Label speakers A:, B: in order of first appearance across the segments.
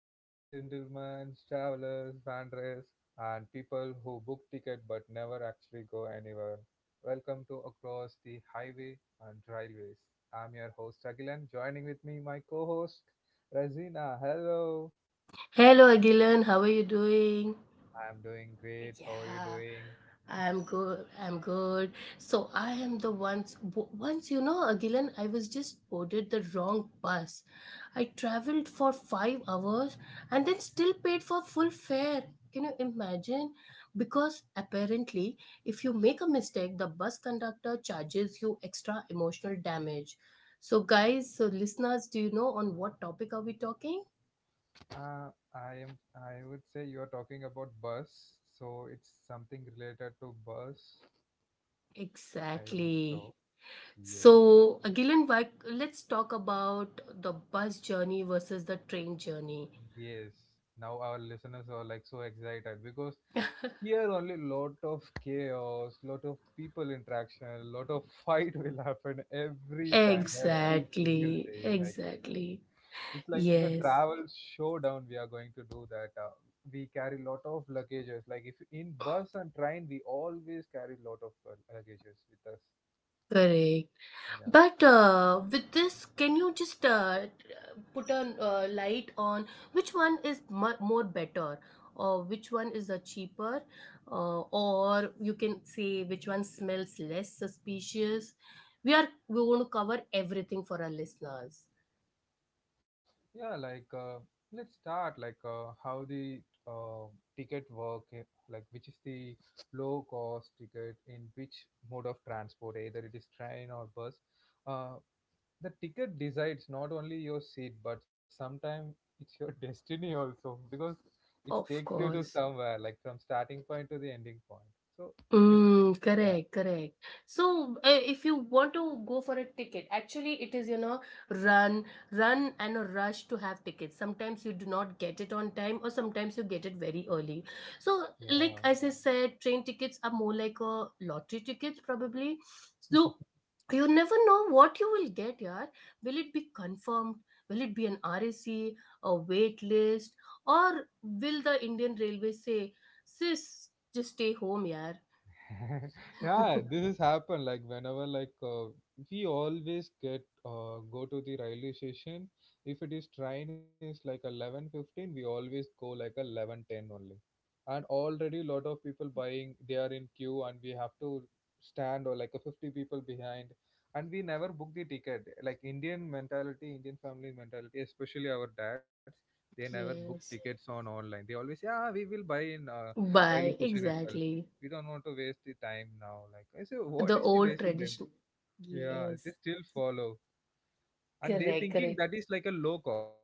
A: ladies and gentlemen, travelers, wanderers, and people who book ticket but never actually go anywhere. Welcome to Across the Highway and Railways. I'm your host Agilan. Joining with me, my co-host Razina. Hello.
B: Hello, Agilan. How are you doing?
A: I'm doing great. How are you
B: Yeah,
A: doing?
B: I'm good. So I am the ones. Once Agilan, I was just boarded the wrong bus. I traveled for 5 hours and then still paid for full fare. Can you imagine? Because apparently, if you make a mistake, the bus conductor charges you extra emotional damage. So, guys, so listeners, do you know on what topic are we talking?
A: I am. I would say you're talking about bus, so it's something related to bus. I think
B: Exactly.
A: so. Yes.
B: So, Gillian, why, let's talk about the bus journey versus the train journey.
A: Yes, now our listeners are like so excited because here only lot of chaos, lot of people interaction, lot of fight will happen every time, every single
B: Exactly,
A: day. Like
B: exactly.
A: it's like a
B: Yes,
A: travel showdown we are going to do that. We carry lot of luggages. Like if in bus and train, we always carry lot of luggages with us.
B: correct.
A: Yeah.
B: But with this, can you just put a light on which one is mu more better, or which one is the cheaper, or you can say which one smells less suspicious? We're going to cover everything for our listeners.
A: Yeah, like uh, let's start how the uh, ticket work, like which is the low cost ticket in which mode of transport, either it is train or bus. Uh, the ticket decides not only your seat, but sometimes it's your destiny also because it takes
B: Of
A: you to
B: course.
A: somewhere, like from starting point to the ending point. So it,
B: Mm, correct, correct. So, if you want to go for a ticket, actually, it is run, run, and a rush to have tickets. Sometimes you do not get it on time, or sometimes you get it very early. So,
A: yeah, yeah,
B: like as I said, train tickets are more like a lottery tickets, probably. So, you never know what you will get, yeah. Will it be confirmed? Will it be an RAC, a C, a wait list, or will the Indian Railway say, sis, just stay home, yeah? Yeah.
A: yeah this has happened like whenever we always get go to the railway station if it is train is like 11:15 we always go like 11:10 only, and already lot of people buying, they are in queue, and we have to stand or like a 50 people behind. And we never book the ticket, like Indian mentality, Indian family mentality, especially our dads. They never book tickets
B: Yes.
A: on online. They always say, yeah, we will buy in railway
B: Bye.
A: station itself.
B: Exactly.
A: We don't want to waste the time now. Like I say, what
B: The
A: is the
B: old
A: wasting time?
B: tradition.
A: Yeah, they
B: Yes.
A: still follow, and they
B: Correct.
A: thinking
B: Correct.
A: that is like a low cost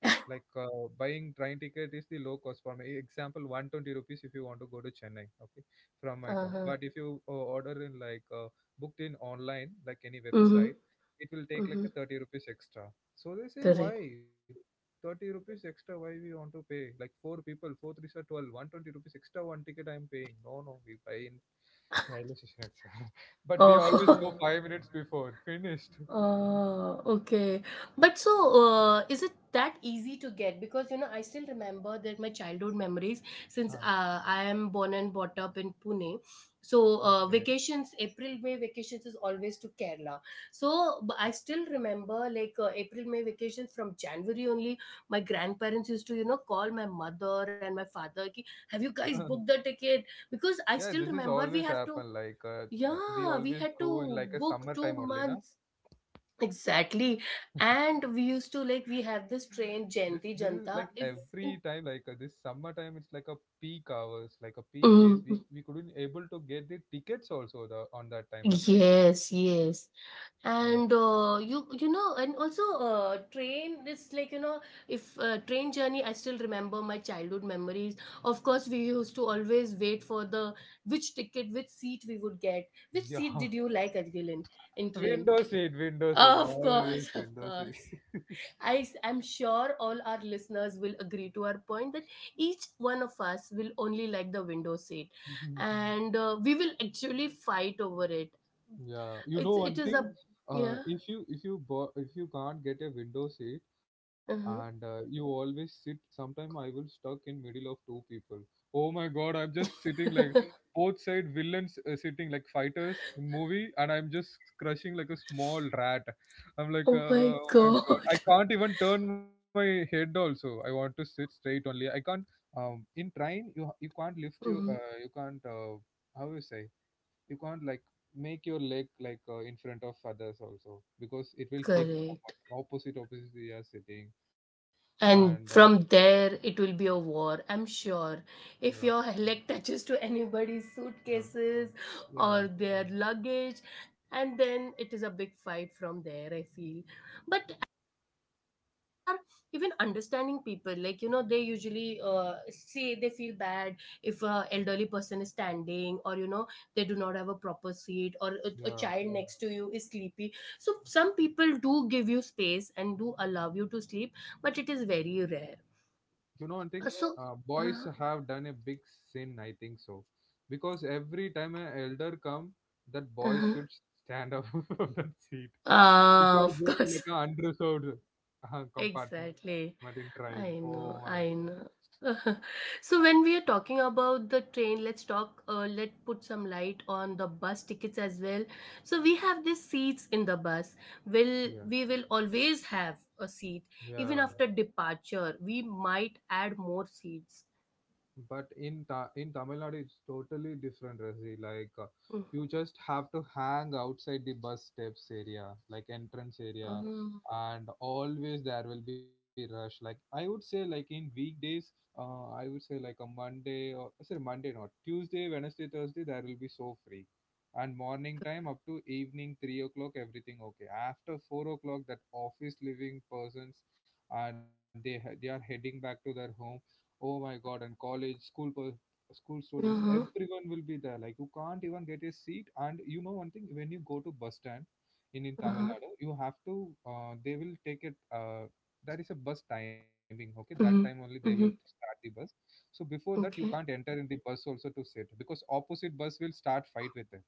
A: like uh, buying train ticket is the low cost for me. E, example 120 rupees if you want to go to Chennai, okay, from my
B: Uh
A: town.
B: huh.
A: But if you order in like booked in online like any
B: Mm hmm.
A: website, it will
B: Mm
A: take
B: hmm.
A: like a 30 rupees extra. So they say why
B: Correct.
A: 30 rupees extra, why we want to pay? Like four people, four threes are 12, 120 rupees extra, one ticket I'm paying. No, no, we buy in railway station itself. But we always go
B: Oh.
A: 5 minutes before finished.
B: Okay. But so, is it that easy to get? Because, you know, I still remember that my childhood memories, since
A: ah,
B: I am born and brought up in Pune. So,
A: okay
B: vacations, April, May vacations is always to Kerala. So, I still remember like April, May vacations from January only. My grandparents used to, you know, call my mother and my father, ki, have you guys booked the ticket? Because I
A: Yeah,
B: still
A: this is
B: remember we
A: always
B: have to
A: happen. We
B: yeah, we
A: always
B: had
A: go in
B: to
A: like a
B: book two
A: summertime only, na.
B: months. Exactly. And we used to like, we have this
A: This
B: train,
A: this is
B: Jayanti
A: like
B: Janta. If
A: every
B: in
A: time, this summertime it's like a peak hours, like a peak days. We
B: Mm,
A: we couldn't able to get the tickets also the on that time of the day.
B: yes, yes.
A: Uh,
B: And you know, and also train is like, you know, if train journey, I still remember my childhood memories. Of course, we used to always wait for the which ticket, which seat we would get. Which
A: yeah,
B: seat did you like, Argilin, in train?
A: window seat,
B: Of
A: always
B: course, of
A: window
B: course.
A: seat.
B: I am sure all our listeners will agree to our point that each one of us will only like the window seat and we will actually fight over it.
A: Yeah, you
B: It's,
A: know
B: it
A: one
B: is
A: thing,
B: a,
A: uh,
B: yeah.
A: if you if you can't get a window seat and
B: uh
A: you always sit, sometime I will stuck in middle of two people. Oh my God, I'm just sitting like both side villains sitting like fighters in movie, and I'm just crushing like a small rat. I'm like,
B: oh my
A: oh my God, I
B: God.
A: can't even turn my head. Also, I want to sit straight only. I can't. In train, you can't lift your
B: Mhm.
A: uh, you can't how you say you can't like make your leg like in front of others also, because it will hit
B: Correct.
A: someone opposite, opposite we are sitting. And
B: And from there, it will be a war, I'm sure. If
A: yeah,
B: your leg touches to anybody's
A: yeah,
B: suitcases
A: yeah,
B: or their luggage, and then it is a big fight from there, I feel. But there are even understanding people like you know they usually say they feel bad if a elderly person is standing or you know they do not have a proper seat or a
A: yeah,
B: child next to you is sleepy so some people do give you space and do allow you to sleep but it is very rare
A: you know one thing
B: so
A: uh, boys
B: uh,
A: have done a big sin I think so, because every time an elder come, that boy
B: uh,
A: should stand up from that seat if you are
B: of
A: going
B: course.
A: like an unreserved compartment in
B: Exactly,
A: train. Oh
B: I
A: my.
B: know, I know. So when we are talking about the train, let's talk, let's put some light on the bus tickets as well. So we have these seats in the bus. Will
A: Yeah,
B: we will always have a seat even
A: yeah.
B: after departure. We might add more seats.
A: But in Ta in Tamil Nadu it's totally different, Razi.
B: Mm,
A: You just have to hang outside the bus steps area, like entrance area,
B: huh.
A: and always there will be rush. Like I would say, like in weekdays, I would say like a Monday, or sorry, Monday not Tuesday, Wednesday, Thursday there will be so free, and morning time up to evening 3 o'clock everything okay. After 4 o'clock, that office living persons, and they are heading back to their home. Oh my God! And college, school students,
B: Uh-huh,
A: everyone will be there. Like you can't even get a seat. And you know one thing: when you go to bus stand in Tamil
B: uh-huh,
A: Nadu, you have to. They will take it. Uh, that is a bus timing. Okay, that time only
B: mm-hmm,
A: they will
B: mm-hmm,
A: start the bus. So before that, you can't
B: okay.
A: enter in the bus also to sit, because opposite bus will start fight with them.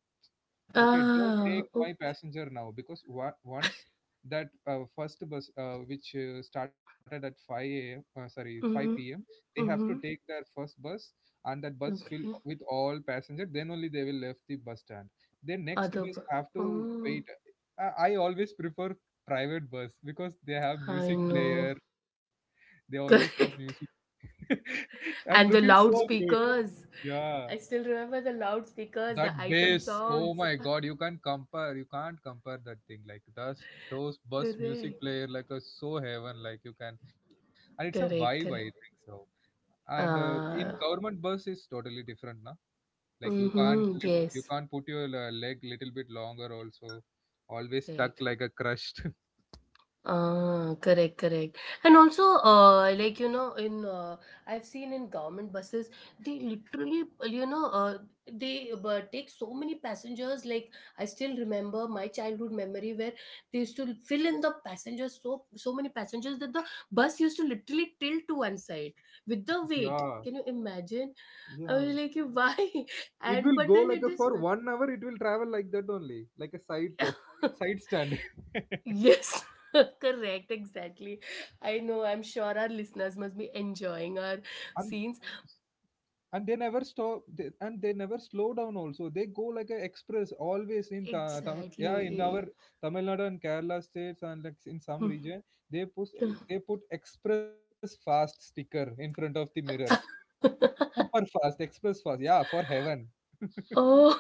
A: Okay, don't
B: Ah,
A: take
B: oh,
A: my passenger now, because once that first bus which started at 5 a.m, sorry, 5 p.m,
B: mm-hmm,
A: they have to
B: mm-hmm,
A: take their first bus, and that bus fill
B: okay.
A: with all passenger, then only they will left the bus stand. Then next
B: Other,
A: bus
B: bu-
A: have to
B: oh,
A: wait. I always prefer private bus because they have
B: I
A: music player,
B: know.
A: they always put music
B: Correct.
A: and looking
B: And the
A: so good.
B: loudspeakers.
A: Yeah,
B: I still remember the loudspeakers,
A: that
B: the item
A: bass, oh
B: songs.
A: my god, you can't compare that thing. Like that's those bus music
B: Correct.
A: player, like a so heaven, like you can, and it's a vibe, I
B: Correct,
A: think
B: correct.
A: so. And in
B: Uh,
A: government bus is totally different, na? Like you Mhm. can't
B: mm-hmm,
A: lift, you
B: yes.
A: can't put your leg little bit longer. Also, always stuck
B: Correct.
A: like a crushed.
B: Ah, correct, correct. And also, like you know, in I've seen in government buses, they literally, you know, they take so many passengers. Like I still remember my childhood memory where they used to fill in the passengers so many passengers that the bus used to literally tilt to one side with the
A: Yeah,
B: weight. Can you imagine? I
A: yeah.
B: was like, why?
A: It
B: And
A: will
B: but
A: go
B: then
A: like
B: it
A: a
B: is.
A: for 1 hour. It will travel like that only, like a side stand.
B: Yes, correct, exactly. I know, I'm sure our listeners must be enjoying our
A: and
B: scenes.
A: and they never stop, they, and they never slow down also, they go like a express always in Tamil, yeah in our
B: Exactly.
A: Tamil Nadu and Kerala states, and like in some region they put express fast sticker in front of the mirror, super fast express fast, yeah, for heaven.
B: Oh,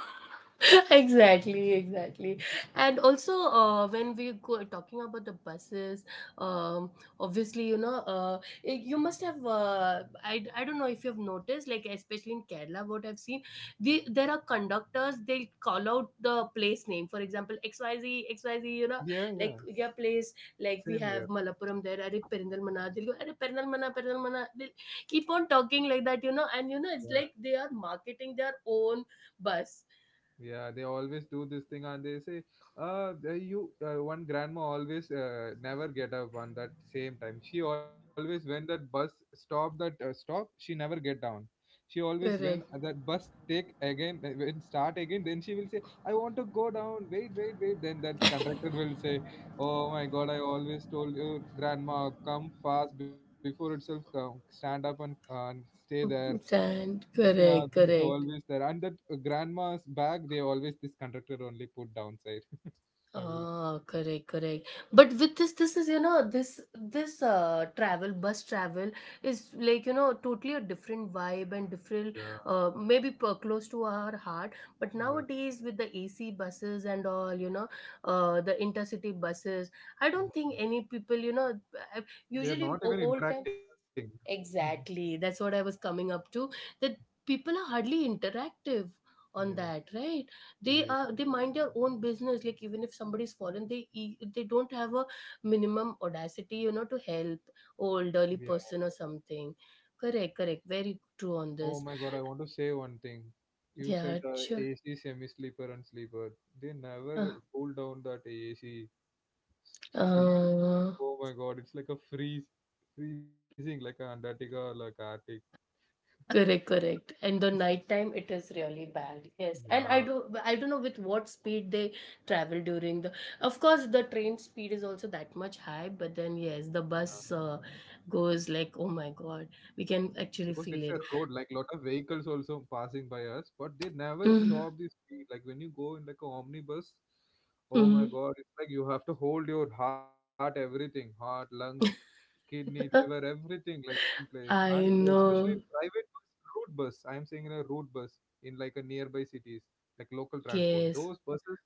B: exactly, exactly. And also, when we go talking about the buses, um, obviously, you know, you must have, I don't know if you have noticed, like, especially in Kerala, what I've seen, there are conductors, they'll call out the place name. For example, XYZ, XYZ. You know,
A: Yeah,
B: like
A: yeah.
B: your place, like we
A: Same
B: have
A: here.
B: Malappuram there, Are Perindalmana, they'll go, Are Perindalmana, Perindalmana. They'll keep on talking like that, you know, and, you know, it's
A: Yeah.
B: like they are marketing their own bus.
A: Yeah, they always do this thing, and they say, the- you one grandma always never get up on that same time. She always when that bus stop that stop, she never get down. She always when
B: Correct.
A: that bus take again, when start again, then she will say, 'I want to go down. Wait, wait, wait.' Then that conductor will say, 'Oh my God, I always told you, grandma, come fast before itself. Come stand up and stay there.'"
B: Sand.
A: Yeah,
B: Correct.
A: this is
B: Correct.
A: always there. And that grandma's bag, they always this conductor only put downside. Everything.
B: Ah, correct, correct. But with this, this is, you know, this travel, bus travel is like, you know, totally a different vibe and different
A: Yeah,
B: maybe close to our heart. But
A: yeah.
B: nowadays with the AC buses and all, you know, the intercity buses, I don't think any people, you know, I-
A: They are
B: usually
A: not even
B: old time.
A: interacting.
B: Exactly. That's what I was coming up to. That people are hardly interactive on
A: Yeah,
B: that, right?
A: yeah,
B: They mind their own business. Like even if somebody's fallen, they they don't have a minimum audacity, you know, to help
A: yeah.
B: old early person or something. Correct, correct. Very true on
A: Oh
B: this.
A: my God, I want to say one thing. You said
B: Yeah, sure.
A: AC semi-sleeper and sleeper. They
B: Uh,
A: never cool down that AC speed.
B: uh,
A: Oh my God, it's like a freeze, freezing like a Antarctica or like Arctic.
B: correct, correct. And the nighttime, it is really bad. Yes, and
A: Yeah.
B: I don't know with what speed they travel during the. Of course, the train speed is also that much high, but then yes, the bus goes like, oh my god, we can
A: Because it's
B: actually
A: a
B: feel it.
A: road, like lot of vehicles also passing by us, but they never
B: Mhm,
A: stop the speed. Like when you go in like a omnibus, oh my
B: mhm.
A: god, it's like you have to hold your heart, everything, heart, lungs, kidney, liver, everything like in place. And
B: I
A: especially in
B: know.
A: private bus, route bus I'm saying, in a route bus in like a nearby cities, like local transport
B: Yes.
A: those buses,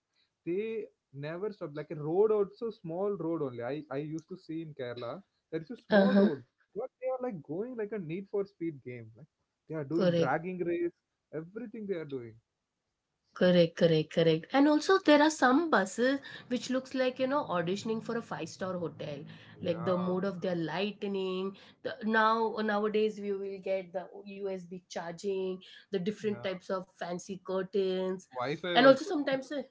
A: they never stop. Like a road also small road only, I used to see in Kerala there is a
B: Uh
A: small
B: huh.
A: road, but they are like going like a Need for Speed game. Like they are doing
B: Correct.
A: dragging race, everything they are doing.
B: Correct, correct, correct. And also there are some buses which looks like, you know, auditioning for a five-star hotel. Like the mode
A: Yeah,
B: of their lightning. Now nowadays we will get the USB charging, the different
A: yeah.
B: types of fancy curtains. And
A: Wi-Fi
B: also
A: also.
B: sometimes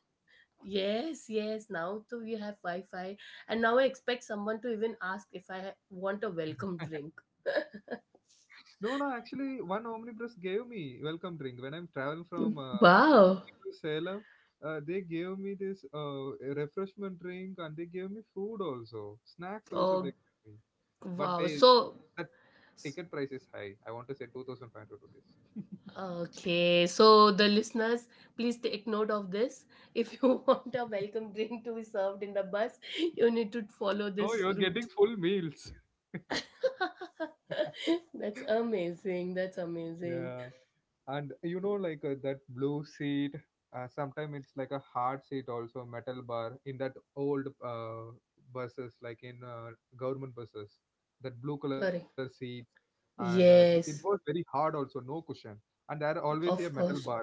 B: yes, yes, now too we have Wi-Fi. And now I expect someone to even ask if I want a welcome drink.
A: No, no. Actually, one Omnipress gave me welcome drink when I'm traveling from
B: Wow.
A: to Salem. They gave me this a refreshment drink, and they gave me food also, snacks also
B: Oh
A: they gave me. But
B: wow.
A: they
B: So
A: the ticket price is high. I want to say two thousand five hundred rupees.
B: okay, so the listeners, please take note of this. If you want a welcome drink to be served in the bus, you need to follow
A: No,
B: this
A: you're
B: route.
A: getting full meals.
B: That's amazing. That's amazing.
A: Yeah. And you know like that blue seat, sometimes it's like a hard seat also, metal bar in that old buses like in government buses, that blue color
B: Correct.
A: seats, it was
B: Yes,
A: very hard also, no cushion, and there always a
B: of
A: metal
B: course.
A: bar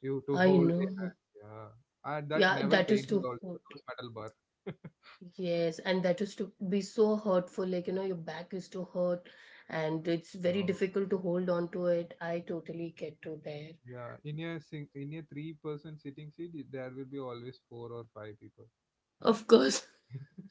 A: you to
B: I
A: hold the
B: know.
A: hands, yeah, and that
B: Yeah,
A: never
B: that is
A: painted
B: too hurt.
A: also those metal bar.
B: Yes, and that is to be so hurtful. Like, you know, your back is too hurt and it's
A: No.
B: very difficult to hold on to it. I totally get to there.
A: Yeah, in a three-person sitting seat there will be always four or five people.
B: Of course.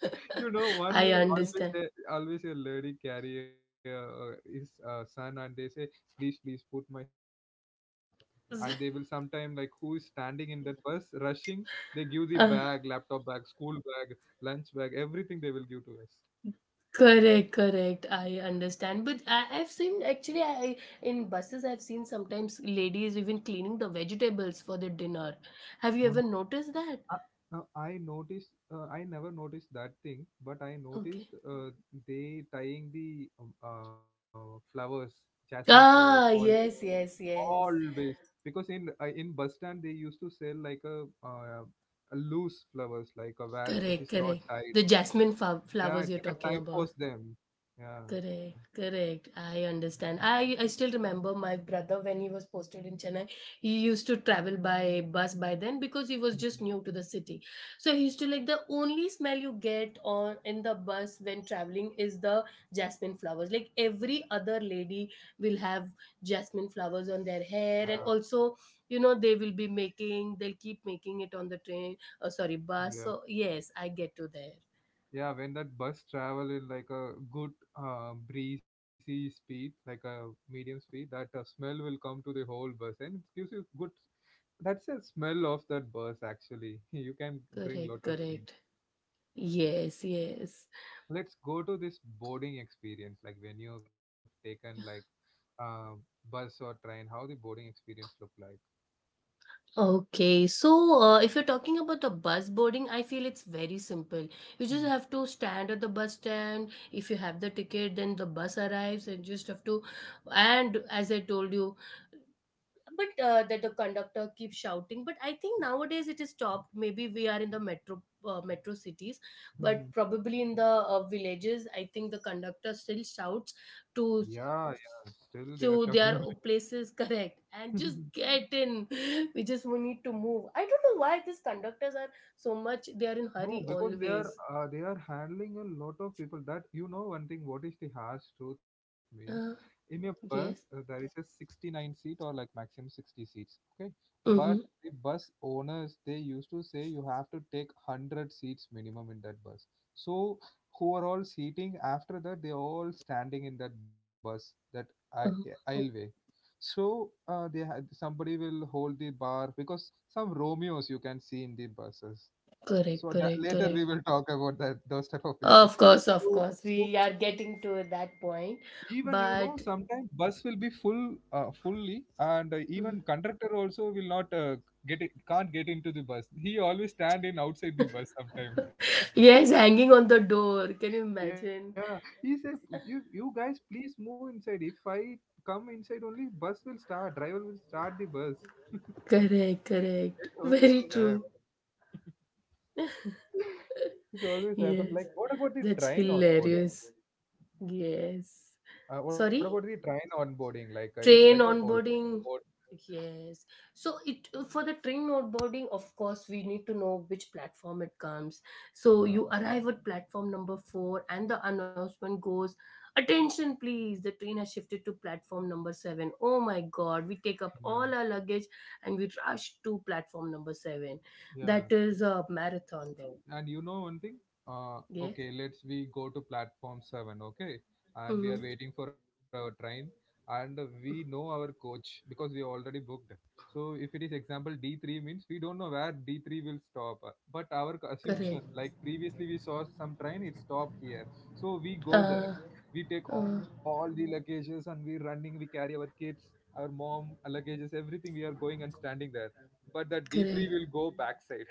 A: You know one,
B: I. No.
A: always
B: Understand.
A: a, always a lady carry a, his son, and they say please, please put my son on your lap. And they will sometime like who is standing in that bus rushing, they give the
B: Uh,
A: bag, laptop bag, school bag, lunch bag, everything they will give to us.
B: correct, correct. I understand. But I've seen actually I in buses I've seen sometimes ladies even cleaning the vegetables for the dinner. Have you
A: Mm.
B: ever noticed that?
A: Uh, Now I noticed, I never noticed that thing, but I
B: Okay.
A: noticed they tying the flowers, jasmine flowers, all
B: Ah, yes, yes, yes.
A: always. Because in bus stand, they used to sell like a loose flowers like a wire which
B: Correct,
A: is not
B: correct.
A: tied.
B: The
A: Yeah,
B: flowers
A: it's
B: you're
A: like a
B: talking
A: time
B: about.
A: pause them. Yeah.
B: Correct, correct. I understand. I still remember my brother when he was posted in Chennai. He used to travel by bus by then because he was just
A: Mhm.
B: new to the city. So he used to like the only smell you get on in the bus when traveling is the jasmine flowers. Like every other lady will have jasmine flowers on their hair, and
A: Yeah,
B: also you know they will be making. They'll keep making it on the train. Oh, sorry, bus.
A: yeah,
B: So yes, I get to there.
A: yeah, when that bus travel in like a good, breezy speed, like a medium speed, that smell will come to the whole bus and it gives you good. That's the smell of that bus actually. You can bring
B: Correct,
A: lot of things.
B: correct. Yes, yes.
A: Let's go to this boarding experience, like when you've taken like uh, bus or train, how the boarding experience look like.
B: Okay, so if you're talking about the bus boarding, I feel it's very simple. You just have to stand at the bus stand. If you have the ticket, then the bus arrives, and just have to. And as I told you, but that the conductor keeps shouting, but I think nowadays it is stopped, maybe we are in the metro metro cities,
A: Mm-hmm.
B: but probably in the villages I think the conductor still shouts
A: Yeah,
B: to
A: yeah,
B: s-
A: still they are shouting
B: to their places correct and
A: only.
B: just get in. We need to move. I don't know why these conductors are so much they are in
A: No,
B: hurry
A: because
B: always.
A: they are handling a lot of people. That you know one thing. What is the harsh truth means?
B: uh,
A: In a bus, there
B: yes,
A: is a 69 seat or like maximum 60 seats. Okay, but
B: mm-hmm.
A: the bus owners, they used to say you have to take 100 seats minimum in that bus. So who are all seating after that? They are all standing in that bus, that aisleway.
B: Mm-hmm.
A: So they had somebody will hold the bar, because some Romeos you can see in the buses,
B: Correct,
A: so that
B: correct,
A: later we
B: correct.
A: will talk about that those type of people.
B: Of
A: so
B: course, we
A: so
B: are getting to that point.
A: even you know
B: But
A: sometimes bus will be full fully, and even conductor also will not, get it, can't get into the bus. He always stand in outside the bus sometimes.
B: yes, hanging on the door. Can you imagine?
A: Yeah, he said, "You guys, please move inside. If I come inside only, bus will start, driver will start the bus."
B: Correct,
A: They
B: correct.
A: don't even
B: Very true.
A: care. This always
B: Yes,
A: happen. Like, what about the
B: that's
A: train onboarding?
B: hilarious. Yes. Sorry?
A: What about the train onboarding? Like, it's
B: Train
A: like a Olympic
B: onboarding,
A: sport.
B: yes. So it for the train onboarding, of course, we need to know which platform it comes. So you
A: Uh,
B: arrive at platform number 4, and the announcement goes, "Attention, please! The train has shifted to platform number 7." Oh my God! We take up
A: yeah,
B: all our luggage and we rush to platform number 7. That
A: yeah.
B: is a marathon, then.
A: And you know one thing?
B: Yes.
A: Okay, let's we go to platform seven, okay? And we
B: Mm-hmm.
A: are waiting for our train, and we know our coach because we already booked. So if it is example D three means, we don't know where D three will stop, but our
B: Correct.
A: assumption like previously we saw some train it stopped here, so we go there.
B: Uh,
A: We take
B: uh,
A: all the luggages and we running. We carry our kids, our mom, luggages, everything. We are going and standing there, but that D three
B: correct.
A: will go backside.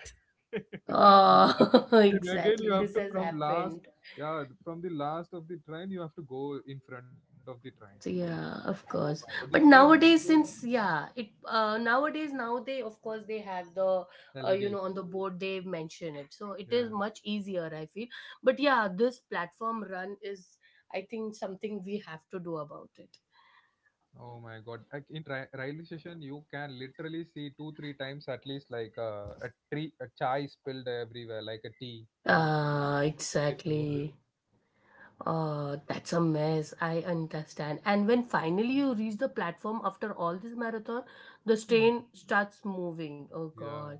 B: Oh,
A: And again,
B: exactly.
A: you have
B: This
A: to
B: has
A: from last,
B: happened.
A: yeah, from the last of the train, you have to go in front of the train.
B: So, yeah,
A: Oh
B: of
A: my god,
B: course.
A: this
B: But
A: every
B: nowadays, since yeah, it nowadays now they of course they have the you
A: LED.
B: know on the board they mention it, so it is
A: Yeah.
B: much easier. I feel. But yeah, this platform run is I think something we have to do about it.
A: Oh my god. Like in tri railway station, you can literally see two, three times at least, like a tree, a chai spilled everywhere, like a tea
B: Ah,
A: in the floor.
B: exactly. That's a mess. I understand. And when finally you reach the platform after all this marathon, the
A: Hmm.
B: train starts moving. Oh
A: Yeah.
B: God.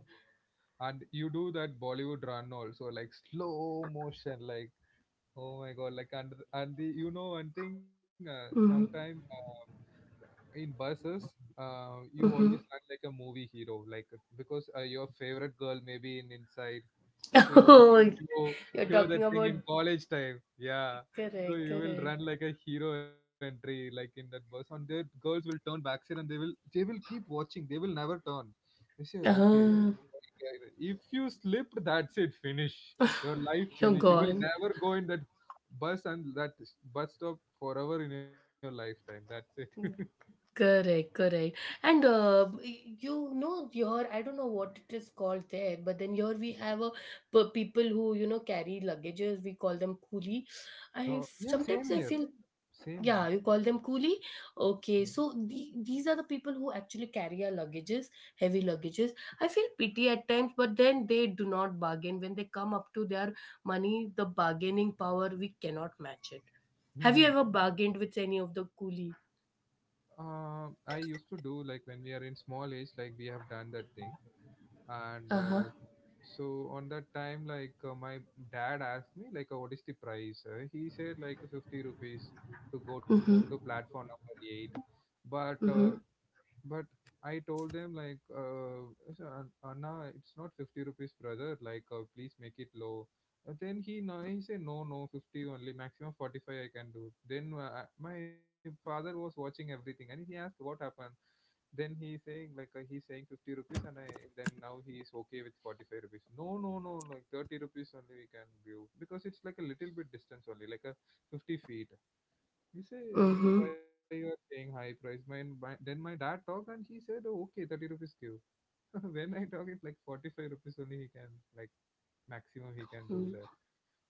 A: And you do that Bollywood run also, like slow motion, like, oh my god. Like, and the you know one thing, sometime.
B: Mhm.
A: Uh, in buses, you always
B: Mhm.
A: run like a movie hero, like because your favorite girl may be in inside, so you want
B: Oh,
A: to show,
B: you're
A: show
B: talking
A: that thing
B: about
A: in college time, yeah. So
B: correct,
A: you will
B: correct.
A: run like a hero entry like in that bus, and the girls will turn backside and they will keep watching, they will never turn. They say, okay,
B: Ah,
A: if you slipped, that's it, finish. Your life
B: you're
A: finish. You will
B: gone.
A: never go in that bus, and that bus stop forever in your lifetime, that's it.
B: Correct, correct. And you know, your I don't know what it is called there, but then here we have a people who you know carry luggages. We call them coolie. I
A: Oh, yeah, same
B: sometimes I
A: here.
B: feel. Yeah,
A: Same
B: you call them coolie?
A: here.
B: Okay, so these are the people who actually carry our luggages, heavy luggages. I feel pity at times, but then they do not bargain. When they come up to their money, the bargaining power, we cannot match it. Have
A: Hmm,
B: you
A: yeah.
B: ever bargained with any of the coolie?
A: I used to do like when we are in small age, like we have done that thing. And
B: Uh huh.
A: so on that time, like my dad asked me, like, what is the price? He said like 50 rupees to go to
B: Mm hmm.
A: platform number eight. But uh,
B: Mm
A: But I told them like, I, "An- Anna, it's not 50 rupees, brother. Like, please make it low." Then he no, he said, "No, no, 50 only, maximum 45 I can do." Then my father was watching everything, and he asked what happened. Then he saying like he's saying 50 rupees, and I then now he is okay with 45 rupees. No, no, no, like 30 rupees only we can give, because it's like a little bit distance only, like a 50 feet. You
B: hmm.
A: say
B: Mm
A: why you are paying high price. My then my dad talk and he said, oh, okay, 30 rupees give. When I talk, it's like 45 rupees only he can, like maximum he can do
B: hmm.
A: that.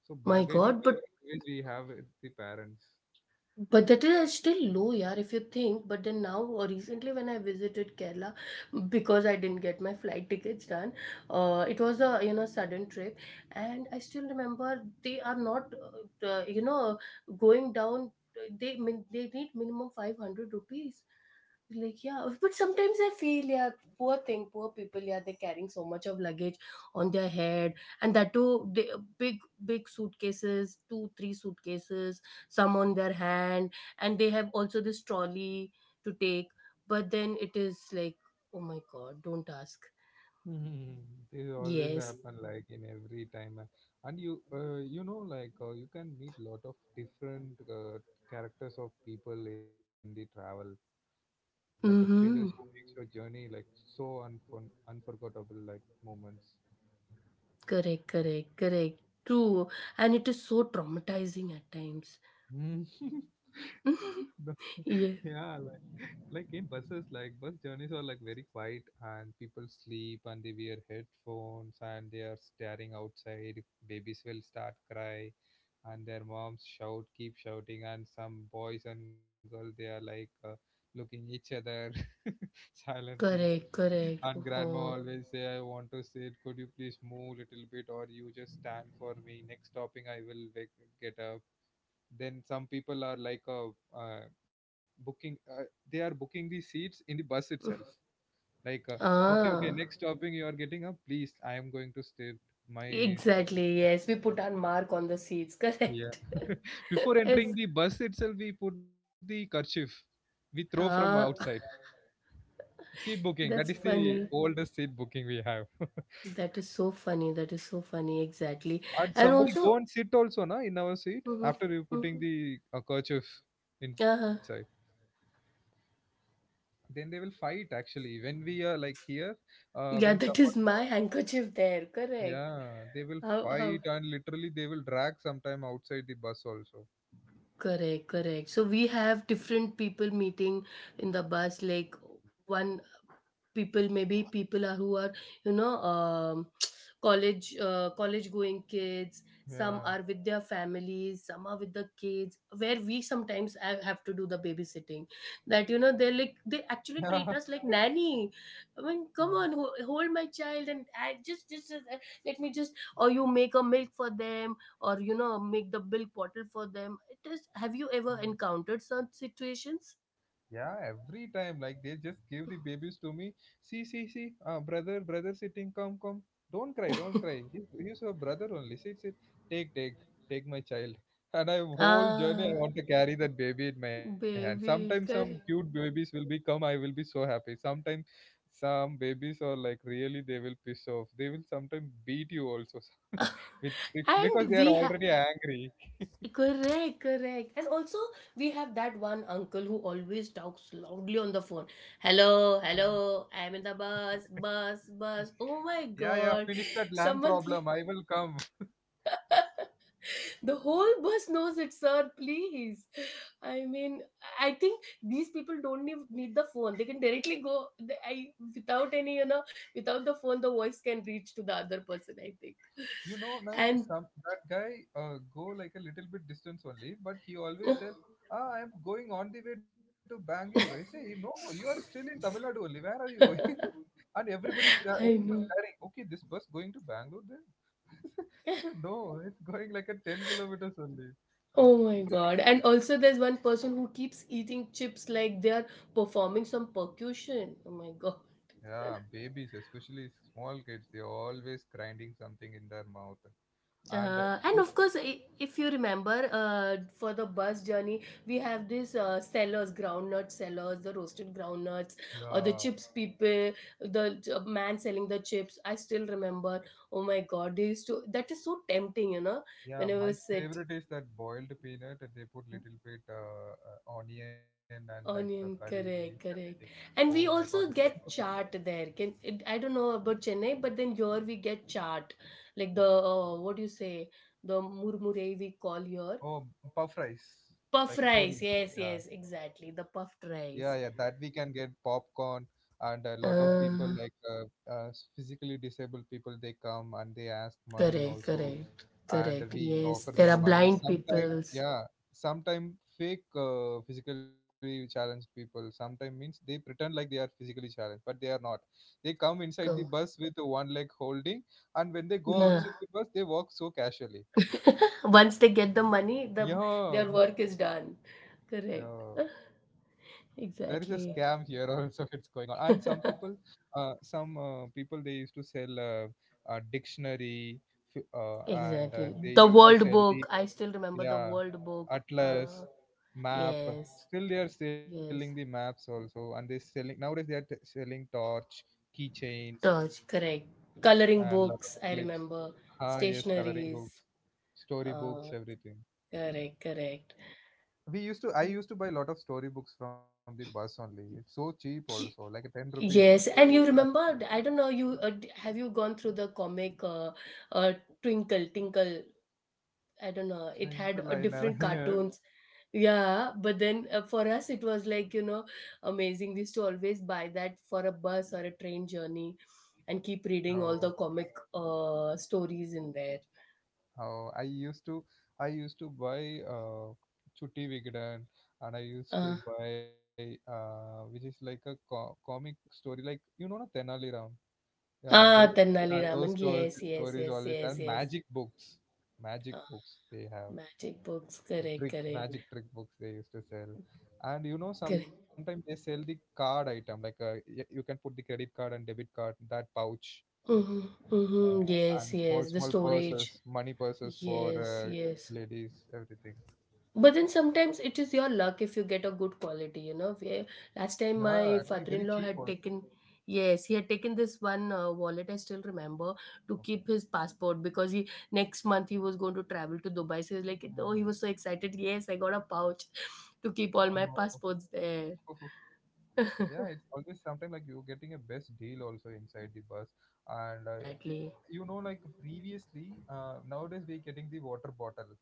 A: So
B: My
A: bargaining
B: God,
A: power
B: but
A: always we have with the parents.
B: but that is still low, yeah, if you think. But then now, or recently when I visited Kerala, because I didn't get my flight tickets done, it was a you know sudden trip, and I still remember they are not, you know, going down. They they need minimum 500 rupees, like, yeah, but sometimes I feel, yeah, poor thing, poor people, yeah, they're carrying so much of luggage on their head, and that too they, big big suitcases, 2 3 suitcases, some on their hand, and they have also this trolley to take, but then it is like, oh my god, don't ask.
A: Hmm. This always
B: Yes.
A: happen like in every time, and you you know, like you can meet lot of different characters of people in the travel, like a strangers who
B: Mm-hmm.
A: makes your journey like so unforgettable, like moments.
B: Correct, correct, correct. True. And it is so traumatizing at times.
A: Mm. The- yeah,
B: Yeah,
A: like in buses, like bus journeys are like very quiet, and people sleep, and they wear headphones, and they are staring outside. Babies will start cry and their moms shout, keep shouting, and some boys and girls, they are like looking each other silently.
B: correct, correct.
A: And grandma
B: Oh.
A: always say, "I want to sit. Could you please move a little bit, or you just stand for me? Next stopping, I will wake, get up." Then some people are like uh, booking they are booking the seats in the bus itself, like "Okay, okay,
B: Ah.
A: next stopping you are getting up, please, I am going to state my."
B: Exactly,
A: Yeah,
B: yes. We put our mark on the seats, correct?
A: yeah. Before
B: It's
A: entering the bus itself, we put the kerchief, we throw from
B: ah,
A: outside. Seat booking, that
B: that's
A: is the
B: funny.
A: oldest seat booking we have.
B: That is so funny. That is so funny, exactly.
A: And
B: And
A: somebody go
B: also,
A: and sit also na in our seat
B: hmm,
A: after we putting
B: hmm,
A: the kerchief inside.
B: uh-huh.
A: Then they will fight actually, when we are like here, uh,
B: Yeah,
A: when
B: that is
A: someone,
B: my handkerchief there, correct?
A: yeah, they will
B: How
A: fight,
B: how.
A: and literally they will drag sometime outside the bus also.
B: Correct, correct. So we have different people meeting in the bus. Like one people, maybe people are who are you know college going kids. Some
A: Yeah.
B: are with their families. Some are with the kids. Where we sometimes have to do the babysitting. That you know they like they
A: Yeah.
B: actually treat us like nanny. I mean, come on, hold my child and I just let me just or you make a milk for them or you know make the bill bottle for them. It is, have you ever
A: Yeah.
B: encountered such situations?
A: Yeah, every time, like they just give the babies to me. "See, see, see, ah, brother, brother sitting, come, come. Don't cry, don't cry. He's your brother only. Sit, sit. Take, take, take my child." And I whole journey, I
B: Ah,
A: want to carry that baby in my hand. Sometimes some
B: baby,
A: cute
B: correct.
A: babies will be come, I will be so happy. Sometimes some babies are like really, they will piss off. They will sometimes beat you also with because they
B: And
A: are
B: we have
A: already angry.
B: correct, correct. And also, we have that one uncle who always talks loudly on the phone. Hello, hello, I'm in the bus, bus, bus. Oh my
A: Yeah, yeah,
B: god.
A: finish that land
B: Someone please.
A: problem, I will come.
B: The whole bus knows it, sir. Please. I mean, I think these people don't need the phone. They can directly go. They, I without any, you know, without the phone, the voice can reach to the other person. I think,
A: You know na,
B: and
A: some that guy, go like a little bit distance only, but he always tell, "Ah, I'm going on the way to Bangalore," I say, "No, you are still in Tamil Nadu only, where are you going?" And everybody
B: I
A: people
B: know.
A: staring, okay, this bus going to Bangalore then. So, no, it's going like a 10 kilometers only.
B: Oh my god! And also, there's one person who keeps eating chips like they are performing some percussion. Oh my god!
A: Yeah, babies, especially small kids, they're always grinding something in their mouth. And
B: And
A: if,
B: of course, if you remember, for the bus journey, we have these sellers, groundnut sellers, the roasted groundnuts, or the
A: yeah.
B: chips people, the man selling the chips. I still remember. Oh my God, they used to. That is so tempting, you know.
A: Yeah,
B: Whenever we
A: my
B: sit,
A: favorite is that boiled peanut. They put little bit onion and like curry
B: onion,
A: leaves,
B: correct,
A: everything.
B: correct. And
A: Oh
B: we
A: my God, like
B: also
A: 10
B: get
A: rupees.
B: chaat there. Can it, I don't know about Chennai, but then here we get chaat, like the
A: Okay.
B: what do you say, the murmure we call here.
A: Oh, puff rice,
B: Puff
A: like puri.
B: rice. Yes,
A: Yeah,
B: yes, exactly. The puffed
A: yeah, yeah. That
B: rice.
A: we can get popcorn, and a lot of people
B: Uh,
A: like physically disabled people, they come and they ask money
B: Correct,
A: also.
B: correct,
A: And
B: correct.
A: we
B: Yes,
A: offer
B: there
A: them
B: are
A: money.
B: blind
A: Sometime,
B: peoples.
A: yeah, sometime fake physically challenged people. Sometime means they pretend like they are physically challenged, but they are not. They come inside the
B: Go.
A: bus with the one leg holding, and when they go
B: Yeah.
A: outside the bus, they walk so casually.
B: Once they get the money, the
A: Yeah.
B: their work is done. Correct.
A: Yeah. There is a scam
B: Exactly.
A: here also. It's going on. And some people they used to sell a dictionary, f- uh, and
B: Exactly.
A: they
B: The
A: used to
B: World
A: sell the,
B: Book. I still remember the
A: yeah,
B: World Book.
A: atlas, map.
B: Yes,
A: Still, they are selling the
B: yes.
A: maps also, and they selling nowadays. They are selling torch, keychains,
B: Torch. Correct. Coloring
A: and lot of
B: books. I
A: clips.
B: remember.
A: Ah, yes, coloring
B: Stationaries.
A: books, story
B: Uh,
A: books, everything.
B: Correct, correct.
A: We used to. I used to buy a lot of story books from the bus only. It's so cheap also, like a
B: Ki-
A: 10 rupees.
B: Yes, and you
A: I
B: remember, I don't know, you have you gone through the comic uh, Twinkle Tinkle? I don't know. It had
A: twinkle, I never
B: different
A: heard.
B: cartoons. Yeah, but then for us, it was like, you know, amazing. We used to always buy that for a bus or a train journey and keep reading all the
A: No.
B: comic stories in there.
A: Oh, I used to, I used to buy Chutti Vigdan, and I used
B: Uh,
A: to buy which is like a comic story, like you know na, Tenali Ram. Yeah,
B: ah,
A: those,
B: Tannali
A: yeah, those
B: Raman.
A: stories,
B: Yes, yes,
A: stories
B: yes,
A: always,
B: yes,
A: and
B: yes.
A: magic books. Magic
B: Ah,
A: books they have.
B: magic books.
A: The
B: Correct,
A: trick,
B: correct,
A: magic trick books they used to sell. And you know
B: correct.
A: sometimes they sell the card item, like you can put the credit card and debit card, that pouch,
B: Mm-hmm, mm-hmm. Yes,
A: and small
B: yes, the
A: small
B: storage.
A: purses, money purses for
B: Yes,
A: uh,
B: yes.
A: ladies, everything.
B: But then sometimes it is your luck if you get a good quality, you know. Where last
A: Yeah,
B: time
A: actually
B: my
A: very cheap
B: father-in-law had
A: also.
B: taken, yes, he had taken this one wallet, I still remember, to keep
A: Okay.
B: his passport because he next month he was going to travel to Dubai. So he was like, oh, he
A: Mhm.
B: was so excited. Yes, I got a pouch to keep all my
A: Oh.
B: passports there.
A: Yeah, it's always sometime like you're getting a best deal also inside the bus. And y-
B: Exactly.
A: you know, like previously, nowadays we're getting the water bottle.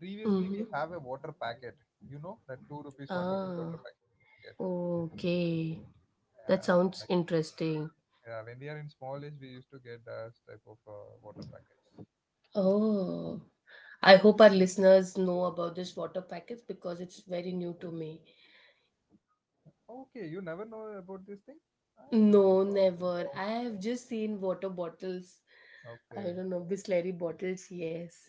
A: Previously we
B: Mm-hmm.
A: have a water packet. You know that two rupees, one rupees water
B: Ah,
A: packet.
B: okay. That
A: Like
B: sounds interesting.
A: when we are in small age, we used to get that type of water packets.
B: Oh, I hope our listeners know about this water packets because it's very new to me.
A: Okay, you never know about this thing? I saw.
B: No,
A: Oh,
B: never. I have just seen water bottles. I
A: okay.
B: don't know, Bisleri bottles. Yes.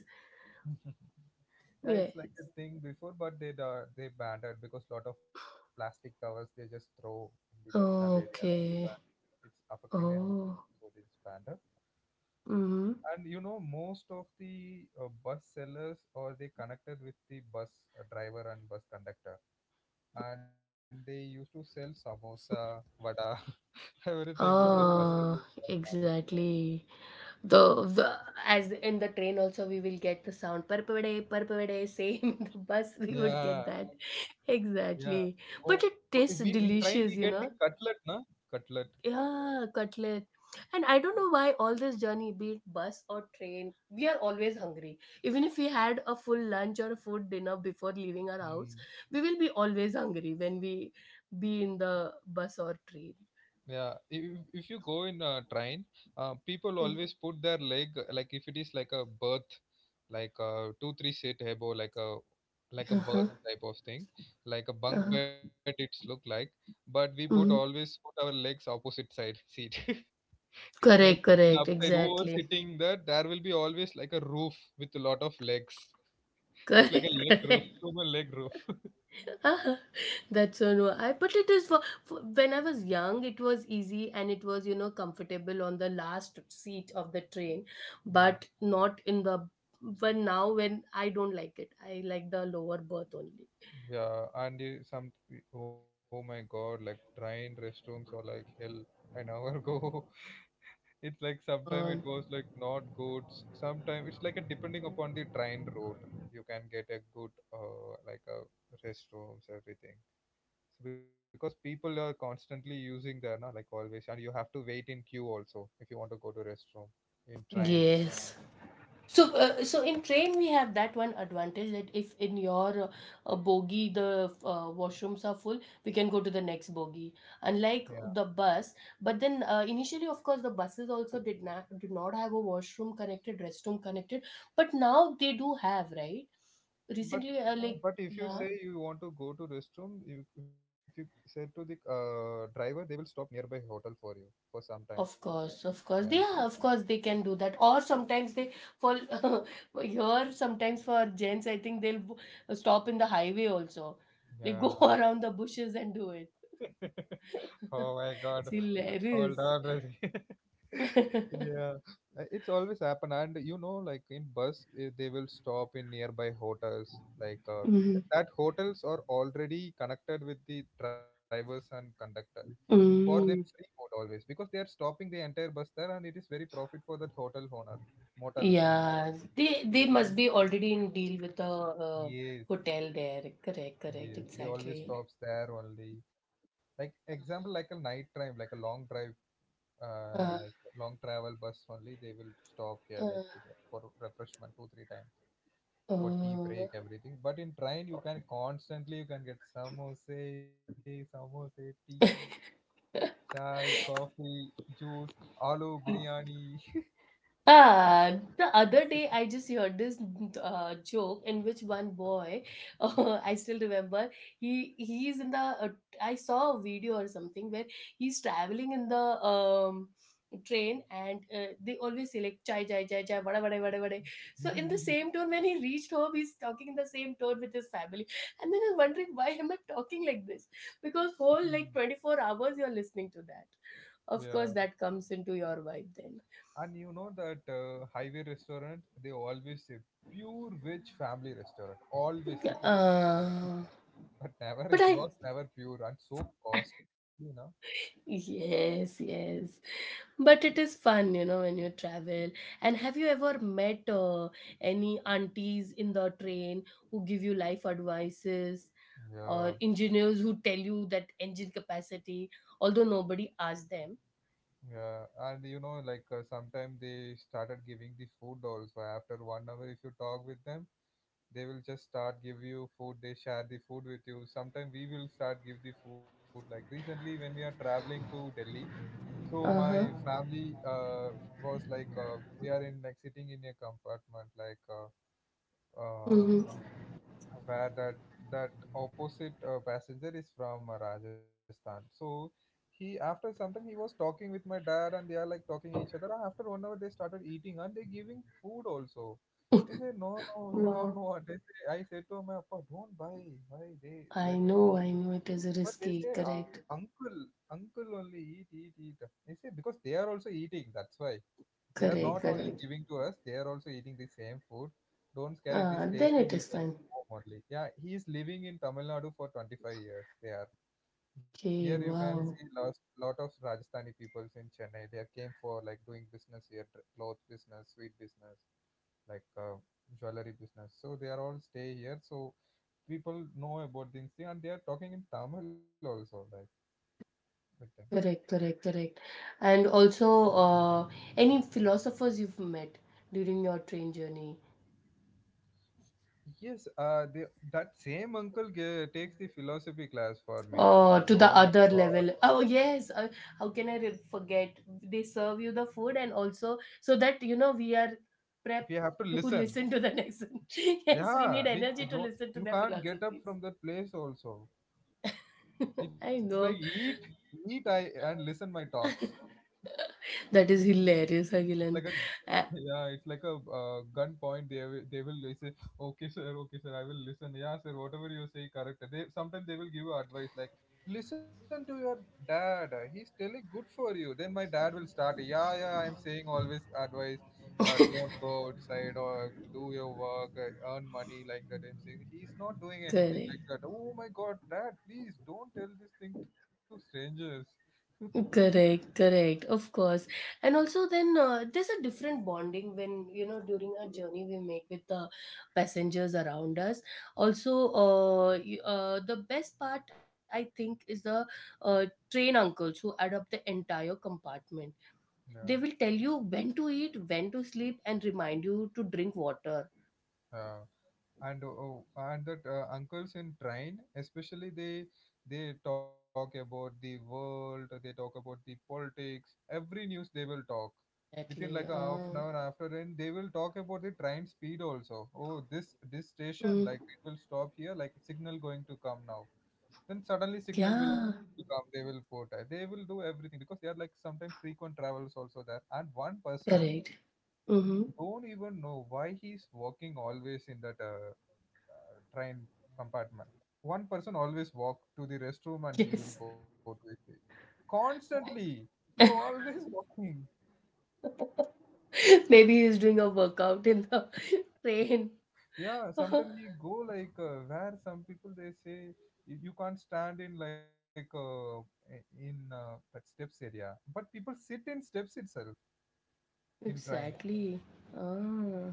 A: Yeah, it's
B: Yes.
A: like a thing before, but they banned it because lot of plastic covers they just throw in the bus stand area. But
B: Okay.
A: it's affecting the environment,
B: Oh.
A: so they just banned it.
B: Mm-hmm.
A: And you know, most of the bus sellers or they connected with the bus driver and bus conductor, and they used to sell samosa, vada, everything in the parcel.
B: Ah, exactly. The as in the train also we will get the sound parpavade parpavade same in the bus we would
A: Yeah.
B: get that.
A: Yeah.
B: Exactly.
A: Or
B: But
A: if
B: it
A: we in
B: tastes
A: train we get the
B: delicious, you
A: cutlet,
B: know.
A: na? Cutlet.
B: Yeah, cutlet. And I don't know why all this journey, be it bus or train, we are always hungry. Even if we had a full lunch or a food dinner before leaving our house,
A: Mm.
B: we will be always hungry when we be in the bus or train.
A: Yeah. If you go in a train, people
B: Mm.
A: always put their leg like if it is like a berth, like a two three seat hebo, like a berth
B: Uh-huh.
A: type of thing, like a bunk
B: Uh-huh.
A: bed. It's look like, but we
B: Mhm.
A: put our legs opposite side seat, like
B: Correct,
A: in
B: correct,
A: upside. Whoever
B: exactly.
A: sitting there, there will be always like a roof with a lot of legs. It's like a
B: Correct,
A: leg roof,
B: correct.
A: human leg roof.
B: Ah, that's so no. I but it is for when I was young, it was easy and it was you know comfortable on the last seat of the train,
A: Yeah.
B: but not in the. But now when I don't like it, I like the lower berth only.
A: Yeah, and you, some oh my god, like train restrooms are like hell. An hour go, it's like sometimes
B: Um,
A: it was like not good. Sometimes it's like a depending upon the train route, you can get a good like a restrooms everything. So because people are constantly using there, na like always, and you have to wait in queue also if you want to go to restroom in train.
B: yes. So, so in train we have that one advantage that if in your bogie the washrooms are full, we can go to the next bogie.
A: Yeah.
B: Unlike the bus, but then initially, of course, the buses also did not have a washroom connected, restroom connected, but now they do have, right?
A: But
B: Recently, like
A: but if you
B: yeah,
A: say you want to go to restroom, you, if you say to the driver, they will stop nearby hotel for you for some time.
B: of course, of course. They are, of course, they can do that. Or sometimes they, for here, sometimes for gents, I think they'll stop in the highway also. They
A: Yeah.
B: go around the bushes and do
A: Yeah.
B: it.
A: Oh my God.
B: It's
A: Hold on,
B: hilarious.
A: Brazil. Yeah, It's always happen, and you know, like in bus, they will stop in nearby hotels. Like
B: Hmm.
A: that, hotels are already connected with the drivers and conductors. For them, free
B: Mm.
A: food always because they are stopping the entire bus there, and it is very profit for that hotel owner, motel.
B: Yeah, they must be already in deal with the
A: Yes,
B: hotel there. Correct, correct,
A: yes, they always
B: exactly.
A: stops there only. Like example, like a night drive, like a long drive. uh,
B: Uh,
A: like Long travel bus only they will stop here
B: uh,
A: like here for refreshment two three times for tea
B: uh.
A: break everything. But in train you can constantly you can get samosa, samosa, tea, chai, coffee, juice, aloo biryani.
B: Ah, the other day I just heard this joke in which one boy, I still remember, he is in the, uh, I saw a video or something where he's traveling in the um, train and they always say like chai chai chai chai vada vada vada vada. So in the same tone, when he reached home, he's talking in the same tone with his family. And then I'm wondering why am I talking like this? Because whole like 24 hours you're listening to that. Of
A: Yeah,
B: course, that comes into your vibe then.
A: and you know that highway restaurant they always say pure veg family restaurant always they put,
B: Uh,
A: but never
B: but
A: it
B: I,
A: was never pure and so costly now.
B: yes, yes. But it is fun, you know, when you travel. And have you ever met any aunties in the train who give you life advices
A: Yeah.
B: or engineers who tell you that engine capacity, although nobody asked them?
A: Yeah, and you know, like sometime they started giving the food also. After 1 hour, if you talk with them, they will just start give you food. They share the food with you. Sometime we will start give the food. Like recently, when we are traveling to Delhi, so
B: Uh
A: my
B: huh.
A: family was like we are in like sitting in a compartment like uh,
B: Hmm.
A: where that opposite passenger is from Rajasthan. So he after some time he was talking with my dad and they are like talking each other. And after 1 hour they started eating and they giving food also. I say no, no, we don't
B: Wow.
A: know what they say. I said to my papa, don't buy, they let them eat.
B: I know it is
A: But they
B: risky.
A: say
B: Correct.
A: uncle, uncle only eat, eat, eat. They say because they are also eating. That's why. They are
B: Correct,
A: not only
B: correct.
A: giving to us, they are also eating the same food. Don't scare! It is
B: Ah, then
A: tasty.
B: it
A: We
B: is
A: make it
B: fun.
A: home only. Yeah, he is living in Tamil Nadu for 25 years. They are here. You
B: Okay,
A: can see
B: wow.
A: lot of Rajasthani peoples in Chennai. They are came for like doing business here, cloth business, sweet business, like jewelry business. So they are all stay here. So people know about these things, and they are talking in Tamil also, like with them.
B: Correct, correct, correct. And also, any philosophers you've met during your train journey,
A: Yes, that same takes the philosophy class for me. Oh my
B: to the
A: god.
B: other level. Oh yes, how can I forget? They serve you the food, and also so that you know we are prep
A: We have to
B: to
A: listen.
B: listen to the next one. Yes, we need
A: Yeah, we
B: energy to
A: don't.
B: listen to
A: You
B: their
A: can't get up
B: philosophies.
A: from that place. Also, it's like
B: I know.
A: eat, eat, I and listen my talks.
B: That is hilarious, Agilan. Uh,
A: Yeah, it's like a gun point. They will say okay sir, okay sir, I will listen, yeah sir, whatever you say, correct. They sometimes they will give you advice like listen to your dad, he's telling good for you. Then my dad will start, yeah yeah I'm saying always advice, don't go outside or do your work, earn money like that, I'm saying he's not doing anything
B: Correct.
A: like that. Oh my god, dad, please don't tell this thing to strangers.
B: Correct, correct, of course. And also, then there's a different bonding when you know during our journey we make with the passengers around us. Also, the best part I think is the uh, train uncles who add up the entire compartment.
A: Yeah,
B: They will tell you when to eat, when to sleep, and remind you to drink water.
A: yeah. And oh, and that uncles in train especially they talk about the world, they talk about the politics, every news they will talk within
B: Exactly.
A: like a half an hour after. And they will talk about the train speed also. Oh, this
B: Mm,
A: station like it will stop here like signal going to come now, then suddenly signal
B: yeah,
A: will come. They will put they will do everything, because they are like sometimes frequent travels also there. And one person,
B: correct.
A: you
B: Mm-hmm.
A: don't even know why he's working always in that train compartment. One person always walk to the restroom and he will
B: Yes.
A: go to his seat. Constantly, you always walking.
B: Maybe he's doing a workout in the train.
A: Yeah, sometimes we go like where some people they say you can't stand in like I- in that steps area, but people sit in steps itself in train.
B: Exactly. Ah.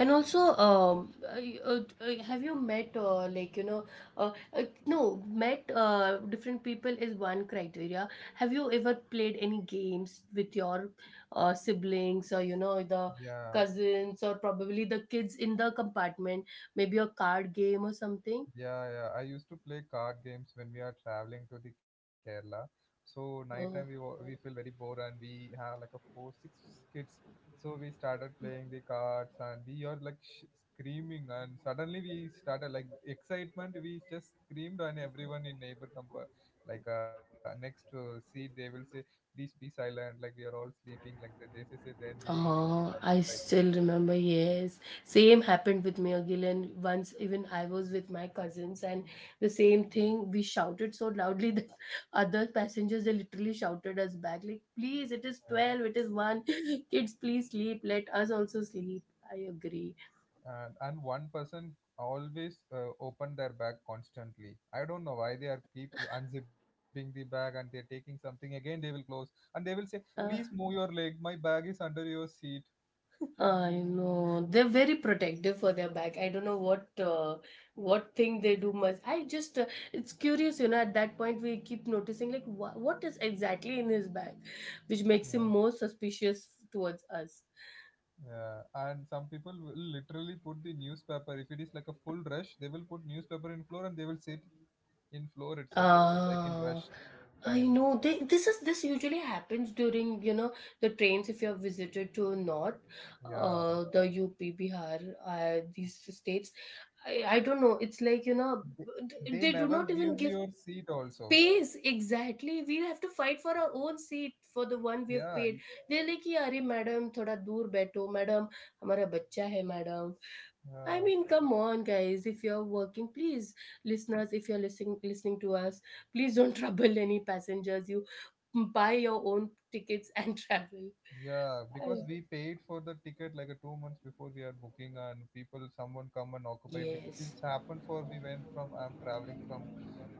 B: And also, have you met, like, you know, no, met different people is one criteria. Have you ever played any games with your siblings or, you know, the
A: Yeah.
B: cousins or probably the kids in the compartment? Maybe a card game or something?
A: Yeah, yeah. I used to play card games when we are traveling to the Kerala. So nighttime
B: Oh.
A: we feel very bored and we have like a four six kids. So we started playing the cards and we are like screaming, and suddenly we started like excitement. We just screamed and everyone in neighbor compa, like next seat they will say please be silent, like we are all sleeping like that. They say say, then we become
B: I
A: like
B: still remember, yes. Same happened with me again. Once, even I was with my cousins, and the same thing. We shouted so loudly that other passengers they literally shouted us back, like, "Please, it is
A: that.
B: 12, it is one. Kids, please sleep. Let us also sleep." I agree.
A: And one person always open their bag constantly. I don't know why they are keep unzipping the bag and they're taking something again they will close. And they will say
B: Uh,
A: please move your leg, my bag is under your seat.
B: I know they're very protective for their bag. I don't know what thing they do much. I just it's curious, you know. At that point, we keep noticing like what is exactly in his bag, which makes
A: Yeah,
B: him more suspicious towards us.
A: yeah. And some people will literally put the newspaper, if it is like a full rush they will put newspaper in floor and they will sit in floor itself, like in
B: Ah,
A: rush time.
B: I know. This is this usually happens during, you know, the trains if you have visited to North,
A: Yeah,
B: the UP, Bihar, these states. I don't know. It's like, you know,
A: they, they
B: they do
A: never
B: not even
A: give
B: give
A: your seat also.
B: space. Exactly, we have to fight for our own seat, for the one we
A: Yeah,
B: have paid. They're like, "Yeah, अरे madam थोड़ा दूर बैठो madam, हमारा बच्चा है madam." I
A: yeah.
B: mean, come on guys, if you're working, please, listeners, if you're listening to us, please don't trouble any passengers. You buy your own tickets and travel.
A: Yeah,
B: I-
A: because we paid for the ticket like a 2 months before we are booking, and people, someone come and occupy.
B: yes.
A: It's happened for me when from I'm traveling from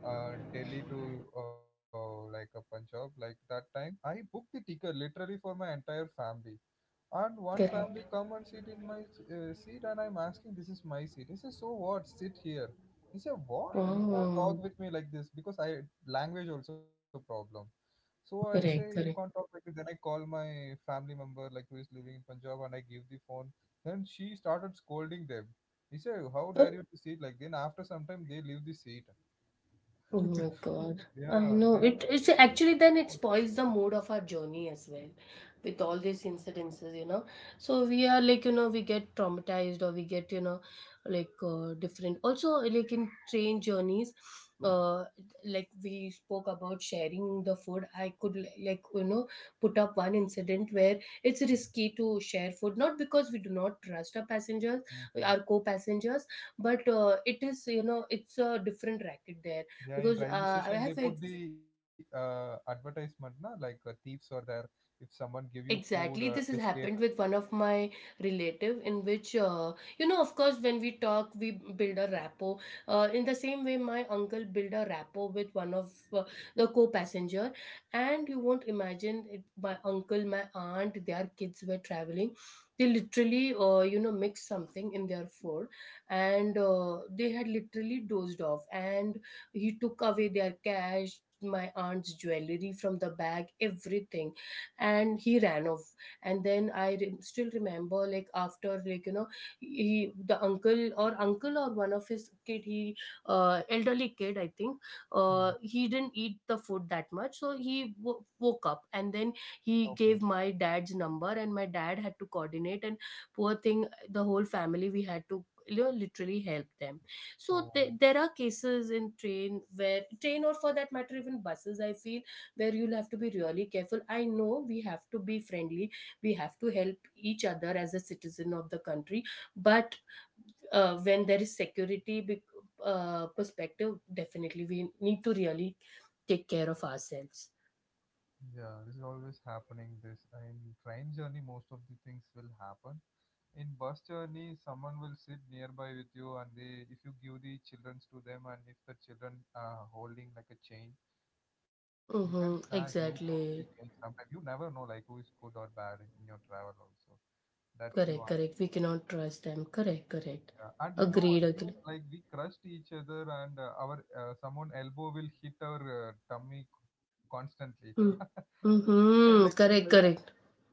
A: Delhi to like a Punjab. Like that time, I booked the ticket literally for my entire family. And one
B: Correct.
A: family come and sit in my seat, and I'm asking, "This is my seat." He says, "So what? Sit here." He said, "What? You can't
B: Oh.
A: talk with me like this because I language also problem." So I say, "You
B: Correct,
A: can't talk
B: correct.
A: like this." Then I call my family member, like who is living in Punjab, and I give the phone. Then she started scolding them. He said, "How dare you to sit like?" Then after some time, they leave the seat.
B: Oh my God. I
A: Yeah.
B: know,
A: Then they
B: it
A: say,
B: it's
A: "Oh."
B: actually, then it spoils the mood of our journey as well with all these incidences, you know. So we are like, you know, we get traumatized, or we get, you know, like different. Also, like in train journeys, uh, like we spoke about sharing the food. I could like, you know, put up one incident where it's risky to share food, not because we do not trust our passengers,
A: Mhm.
B: our co-passengers, but it is, you know, it's a different racket there,
A: Yeah, in
B: because
A: railway
B: I
A: station they
B: have a
A: put the advertisement, na? Like thieves are there. If someone give you food
B: exactly
A: or
B: this has
A: biscuit.
B: happened with one of my relative, in which you know, of course when we talk we build a rapport. In the same way, my uncle built a rapport with one of the co-passenger, and you won't imagine it, my uncle, my aunt, their kids were traveling. They literally you know, mixed something in their food, and they had literally dozed off, and he took away their cash, my aunt's jewelry from the bag, everything, and he ran off. And then still remember, like after, like, you know, he the uncle or uncle or one of his kid, he elderly kid, I think,
A: Hmm.
B: he didn't eat the food that much, so he woke up, and then he
A: Okay.
B: gave my dad's number, and my dad had to coordinate, and poor thing, the whole family, we had to, you know, literally help them. So
A: Oh,
B: there are cases in train where train, or for that matter, even buses, I feel, where you'll have to be really careful. I know we have to be friendly, we have to help each other as a citizen of the country, but when there is security, perspective, definitely we need to really take care of ourselves.
A: yeah. This is always happening. This in train journey, most of the things will happen. In bus journey, someone will sit nearby with you, and they, if you give the childrens to them, and if the children are holding like a chain, you can snatch.
B: Mm-hmm,
A: You will lose the chain
B: exactly.
A: sometime. You never know like who is good or bad in your travel also. That's the
B: Correct,
A: one.
B: correct, we cannot trust them. Correct, correct.
A: Yeah, and you know, one
B: Agreed,
A: thing,
B: agreed.
A: like we crushed each other, and our someone elbow will hit our tummy constantly,
B: Mm.
A: and like
B: Mm-hmm, correct, correct.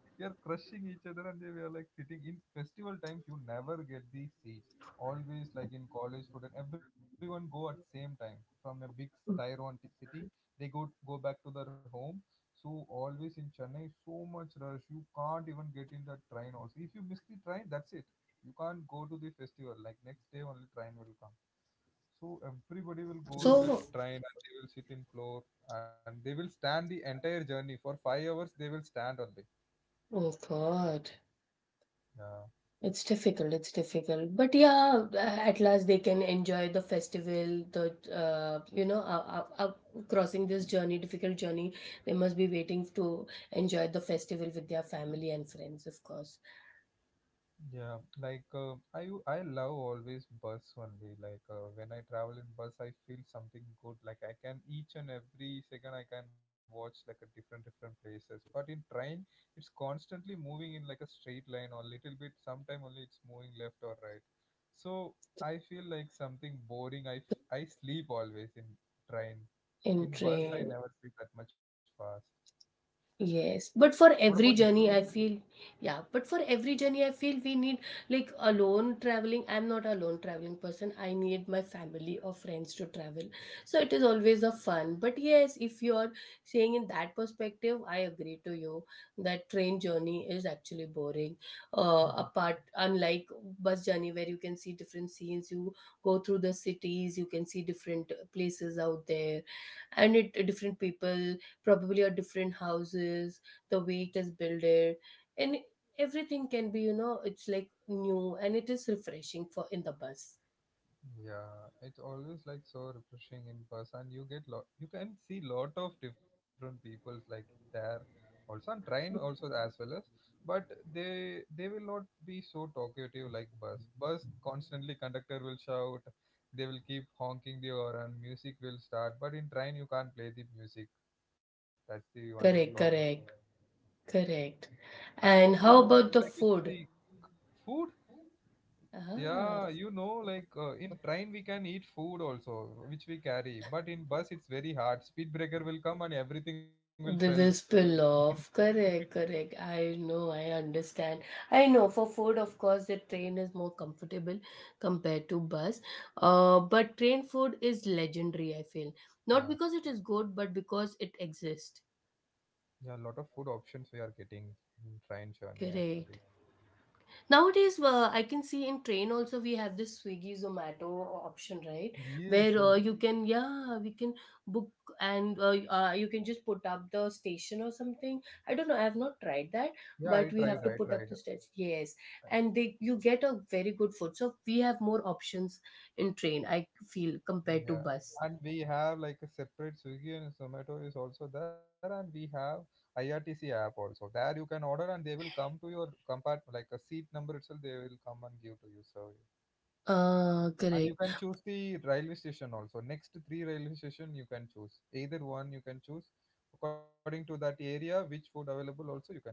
A: we are crushing each other, and we are like sitting in festival times. You never get these seats. Always like in college student, everyone go at same time from a big city. They go back to their home. So always in Chennai, so much rush. You can't even get in the train. Also, if you miss the train, that's it. You can't go to the festival. Like next day, only train will come. So everybody will go in
B: So.
A: that train and they will sit in floor and they will stand the entire journey for 5 hours. They will stand only.
B: Oh god.
A: Yeah.
B: It's difficult, it's difficult. But yeah, at last they can enjoy the festival, the you know, crossing this journey, difficult journey. They must be waiting to enjoy the festival with their family and friends, of course.
A: Yeah, like I love always bus only. Like when I travel in bus, I feel something good. Like I can each and every second I can watch like a different places. But in train, it's constantly moving in like a straight line or little bit. Sometime only it's moving left or right. So I feel like something boring. I sleep always in train.
B: In
A: In bus, I
B: train.
A: never sleep that much fast.
B: Yes, but
A: What
B: for
A: about you?
B: every journey, I feel, yeah, but for every journey, I feel we need like alone traveling. I'm not a lone traveling person. I need my family or friends to travel. So it is always a fun. But yes, if you're saying in that perspective, I agree to you that train journey is actually boring. Apart, unlike bus journey where you can see different scenes, you go through the cities, you can see different places out there, and it different people probably are different houses, the way it is built, and everything can be, you know, it's like new and it is refreshing for in the bus.
A: Yeah, it's always like so refreshing in person. You get lot, you can see lot of different peoples like there, also and train also as well as, but they will not be so talkative like bus. Bus constantly conductor will shout, they will keep honking the horn, music will start. But in train you can't play the music. That's the only problem.
B: Correct, correct, correct.
A: And what,
B: And
A: what do you
B: how about
A: think
B: the
A: like which is
B: food?
A: the food?
B: Ah.
A: Yeah, you know, like in train we can eat food also, which we carry. But in bus it's very hard. Speed breaker will come and everything will fill.
B: They will spill off. Correct, correct. I know, I understand. I know for food, of course, the train is more comfortable compared to bus. But train food is legendary, I feel. Not
A: Yeah,
B: because it is good, but because it exists.
A: yeah, a lot of food options we are getting in train journey actually.
B: Correct. Nowadays, I can see in train also we have this Swiggy Zomato option, right?
A: Yes,
B: Where you can, yeah, we can book, and you can just put up the station or something. I don't know. I have not tried that,
A: yeah,
B: but we have
A: I
B: to put
A: tried.
B: up the station. Yes, and they you get a very good food. So we have more options in train. I feel compared to
A: Yeah,
B: bus.
A: and we have like a separate Swiggy and Zomato is also there, and we have IRTC app also. There you can order and they will come to your compartment, like a seat number itself. They will come and give to you. So yeah. And you
B: Correct.
A: can choose the railway station also. Next three railway station you can choose. Either one you can choose. According to that area, which food available also you can choose.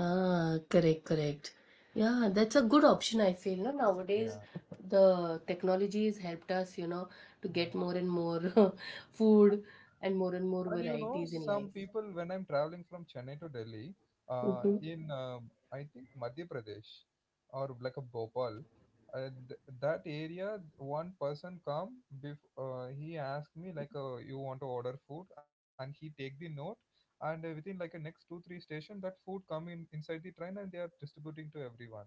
B: Ah, correct, correct. Yeah, that's a good option, I feel. No? Nowadays,
A: Yeah.
B: the technology has helped us, you know, to get
A: Yeah.
B: more and more food
A: And
B: and
A: you
B: more
A: know, some
B: varieties in
A: people,
B: life.
A: when I'm traveling from Chennai to Delhi,
B: Mm-hmm.
A: in I think Madhya Pradesh or like a Bhopal, that area, one person come, he asked me like, you want to order food, and he take the note, and within like a next 2 3 station, that food come in inside the train and they are distributing to everyone.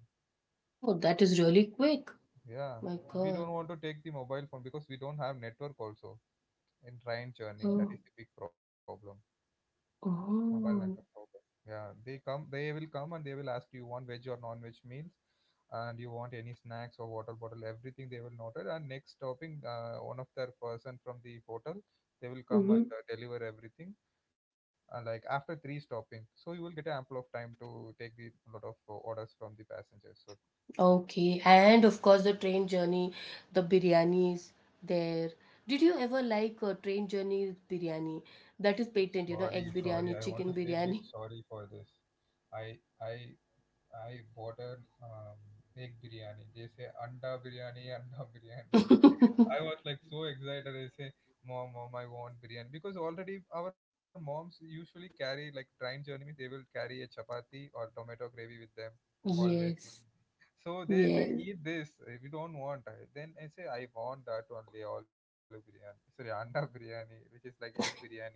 B: Oh, that is really quick.
A: Yeah,
B: My
A: we
B: God.
A: don't want to take the mobile phone because we don't have network also in train journey. That
B: Oh,
A: is the big problem. Mobile network
B: oh.
A: provider. Yeah, they will come and they will ask you want veg or non-veg meals, and you want any snacks or water bottle, everything they will note it. And next stopping, one of their person from the hotel, they will come
B: Mm-hmm.
A: and deliver everything. Like after three stopping, so you will get ample of time to take the lot of orders from the passengers. So
B: Okay. And of course, the train journey, the biryanis there. Did you ever like a train journey biryani? That is patent, you know,
A: sorry,
B: egg
A: sorry,
B: biryani,
A: I want
B: chicken
A: to say big
B: biryani.
A: sorry for this. I I I ordered egg biryani. They say anda biryani, anda biryani. I was like so excited. I say, mom, mom, I want biryani because already our moms usually carry like train journey means they will carry a chapati or tomato gravy with them
B: Yes,
A: always. So
B: yes,
A: they say eat this. We don't want. Then I say I want that only olive biryani. Sorry, anda biryani, which is like egg biryani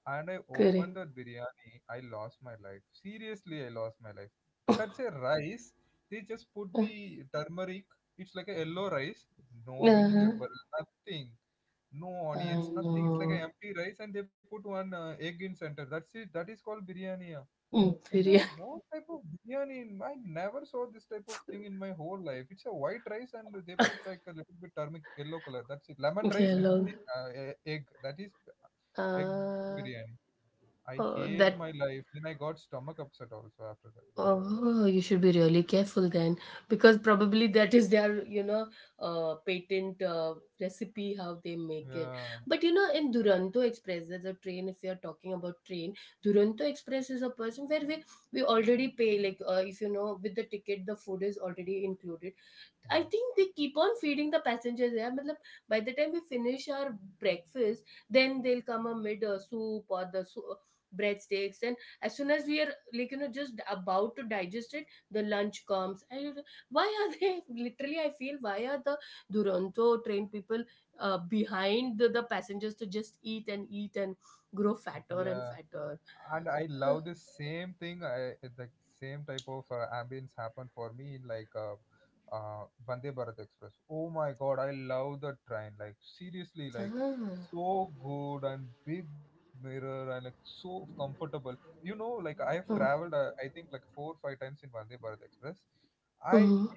A: and I opened
B: correct.
A: that biryani, I lost my life. Seriously, I lost my life. That's a rice. They just put the turmeric. It's like a yellow rice. No
B: Uh-huh.
A: vegetable, nothing. No
B: I
A: onions, nothing. It's like
B: know.
A: an empty rice, and they put one egg in center. That's it. That is called biryani. Ah.
B: Mm,
A: I say,
B: very,
A: what type of biryani? I never saw this type of thing in my whole life. It's a white rice, and they put like a little bit turmeric yellow color. That's it.
B: very
A: Lemon rice
B: long.
A: with egg. That is egg
B: Uh,
A: biryani. I
B: oh,
A: hate
B: that.
A: my life. Then I got stomach upset also after
B: Oh, you should be really careful then, because probably that is their, you know, patent recipe how they make it.
A: that. Yeah,
B: But you know, in Duranto Express, there's a train. If you're talking about train, Duranto Express is a person where we already pay like if you know with the ticket, the food is already included. I think
A: yeah,
B: they keep on feeding the passengers. Yeah, मतलब, by the time we finish our breakfast, then they'll come a mid soup or the breadsticks. And as soon as we are like, you know, just about to digest it, the lunch comes. And why are they literally? I feel why are the Duronto train people behind the passengers to just eat and eat and grow fatter
A: yeah.
B: and fatter.
A: And I love the same thing. The same type of ambience happened for me in like uh, Vande Bharat Express. Oh my God, I love the train. Like seriously, like
B: Ah.
A: so good and big mirror and like so comfortable. You know, like I have
B: Mm-hmm.
A: traveled. I think like 4 5 times in Vande Bharat Express. I
B: Mm-hmm.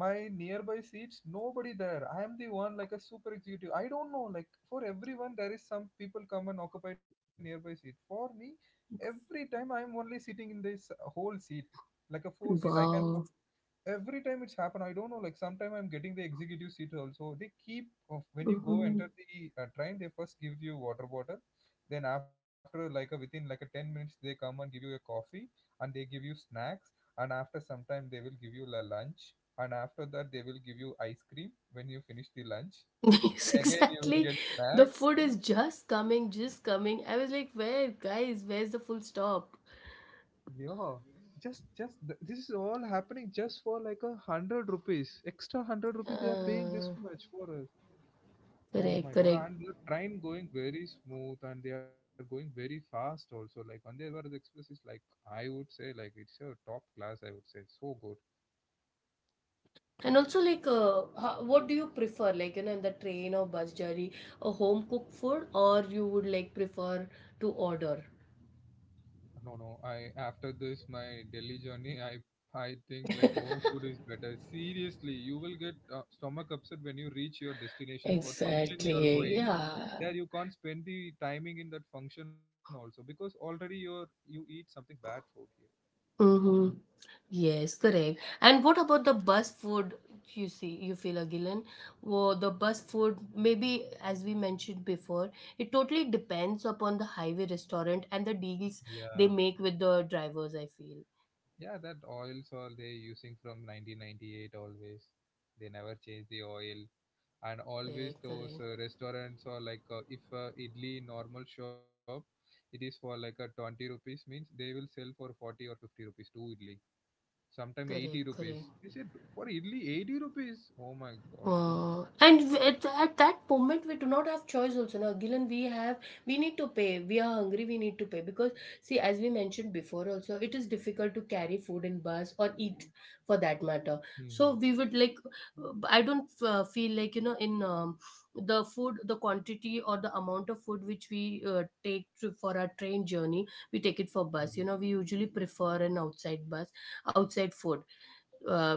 A: my nearby seats nobody there, I am the one like a super executive, I don't know, like for everyone there is some people come and occupy nearby seat for me every time. I am only sitting in this whole seat like a four seat I can
B: Wow.
A: every time it's happened. I don't know like sometime I'm getting the executive seat also. They keep of when you go
B: Mm-hmm.
A: enter the train, they first give you water bottle, then after like a, within like a 10 minutes they come and give you a coffee and they give you snacks and after some time they will give you a lunch and after that they will give you ice cream when you finish the lunch,
B: Yes,
A: again you will
B: exactly.
A: get
B: The
A: snacks.
B: food is just coming, just coming. I was like, where, guys, where's the full stop?
A: Yeah, this is all happening just for like a 100 rupees, extra 100 rupees they are paying this
B: Uh,
A: much for us. Oh
B: correct,
A: my God.
B: correct.
A: And the train going very smooth and they are going very fast also. Like Vande Bharat Express is like, I would say like it's a top class, I would say. So good.
B: And also, like, what do you prefer? Like, you know, in the train or bus journey, a home cooked food, or you would like prefer to order?
A: No, no. I after this my Delhi journey, I think like home food is better. Seriously, you will get stomach upset when you reach your destination for function you are
B: Exactly.
A: going.
B: Yeah.
A: There you can't spend the timing in that function also because already you're you eat something bad food
B: Mm-hmm. Yes, correct. And what about the bus food? You see, you feel again, well, the bus food, maybe as we mentioned before, it totally depends upon the highway restaurant and the
A: here.
B: deals
A: Yeah.
B: they make with the drivers, I feel.
A: Yeah, that oils are they using from 1998 always. They never change the oil. And
B: Correct,
A: always those
B: correct,
A: restaurants are like if idli normal shop, it is for like a 20 rupees means they will sell for 40 or 50 rupees two idli. Sometime 80
B: correct, correct.
A: rupees. You said for idli 80 rupees. Oh my god.
B: And at that moment we do not have choice also, now Gillen we have, we need to pay, we are hungry, we need to pay, because see, as we mentioned before also, it is difficult to carry food in bus or eat, for that matter. So
A: Hmm
B: we would like, I don't feel like, you know, in the food, the quantity or the amount of food which we for our train journey, we take it for
A: hmm
B: bus. You know, we usually prefer an outside bus, outside food, uh,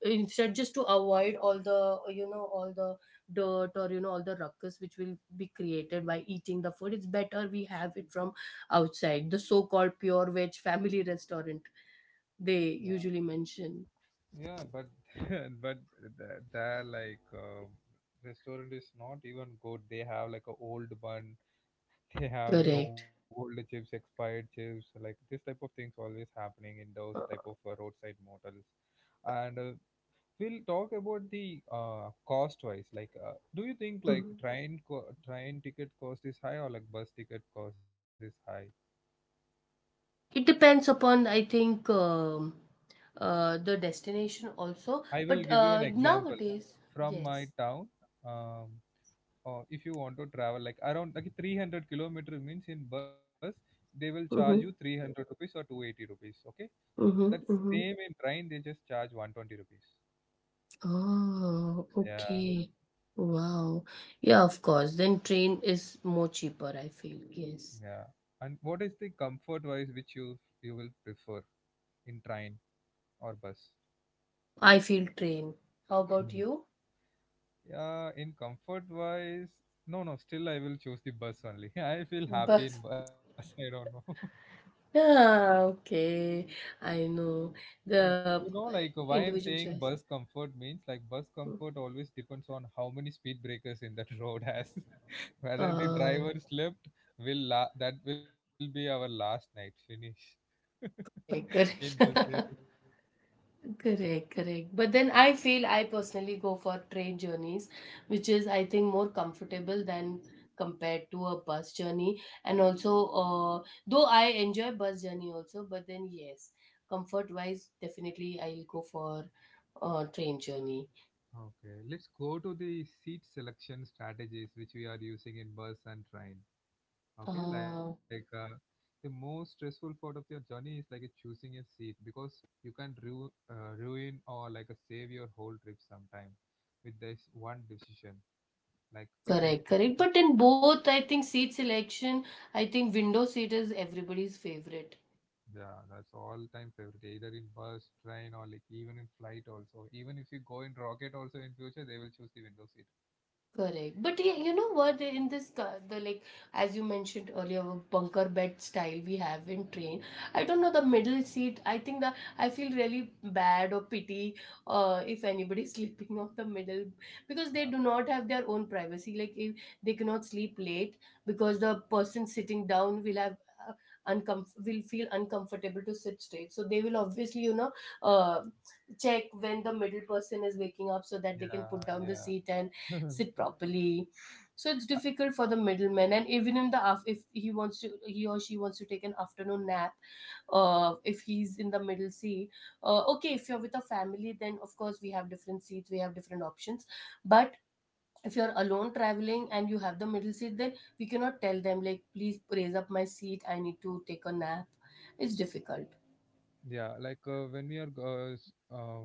B: instead, just to avoid all the, you know, all the dirt, or you know all the ruckus which will be created by eating the food. It's better we have it from outside, the so called pure veg family restaurant, they
A: Yeah,
B: usually mention.
A: yeah, but but the like restaurant is not even good. They have like a old bun, they have like a
B: Correct.
A: old chips, expired chips, so, like this type of things always happening in those
B: Uh,
A: type of roadside motels. And we'll talk about the cost wise. Like, do you think like
B: mm.
A: train ticket cost is high or like bus ticket cost is high?
B: It depends upon, I think, the destination also,
A: I will
B: but
A: give you an example
B: nowadays.
A: from my
B: Yes.
A: town. Um, if you want to travel like around like 300-kilometer means in bus they will charge you
B: Mm-hmm.
A: 300 rupees or 280 rupees, okay? That same
B: Mm-hmm.
A: in train they just charge 120 rupees,
B: Oh,
A: yeah
B: okay. Wow. Yeah, of course. Then train is more cheaper, I feel.
A: yeah.
B: Yes.
A: And what is the comfort wise which you will prefer in train or bus?
B: I feel train. How about
A: Hmm.
B: you?
A: Yeah in comfort wise, no no, still I will choose the bus only I feel happy in
B: Bus.
A: bus, I don't know.
B: Ah, okay. I know.
A: Yeah,
B: The uh,
A: you know, like why I'm
B: individual
A: saying
B: choice.
A: bus comfort means like bus comfort always depends on how many speed breakers in that road has. Whether the
B: Um,
A: driver slept, will la that will be our last night finish
B: okay.
A: in bus journey.
B: God. Correct, correct. But then I feel I personally go for train journeys, which is I think more comfortable than compared to a bus journey. And also, though I enjoy bus journey also, but then yes, comfort wise, definitely I'll go for train journey.
A: Okay, let's go to the seat selection strategies which we are using in bus and train. Okay, like
B: Uh,
A: the most stressful part of your journey is like a choosing a seat because you can ruin or like a save your whole trip sometime with this one decision. Like if
B: correct,
A: anything goes
B: correct.
A: wrong,
B: But in both, I think seat selection, I think window seat is everybody's favorite.
A: yeah, that's all time favorite. Either in bus, train, or like even in flight also. Even if you go in rocket also in future, they will choose the window seat.
B: Correct. But yeah, you know what? In this, the like, as you mentioned earlier, bunker bed style we have in train. I don't know, the middle seat, I think that I feel really bad or pity if anybody is sleeping on the middle, because they
A: Uh,
B: do not have their own privacy. Like, if they cannot sleep late because the person sitting down will have. Uh, will feel uncomfortable to sit straight, so they will obviously uh, check when the middle person is waking up so that they can
A: yeah,
B: put down the
A: yeah.
B: seat and sit properly. So it's difficult for the middleman, and even in the if he wants to, he or she wants to take an afternoon nap, if he's in the middle seat, okay. If you're with a family, then of course we have different seats, we have different options. But if you're alone traveling and you have the middle seat, then we cannot tell them like, please raise up my seat. I need to take a nap. It's difficult.
A: Yeah, like when we are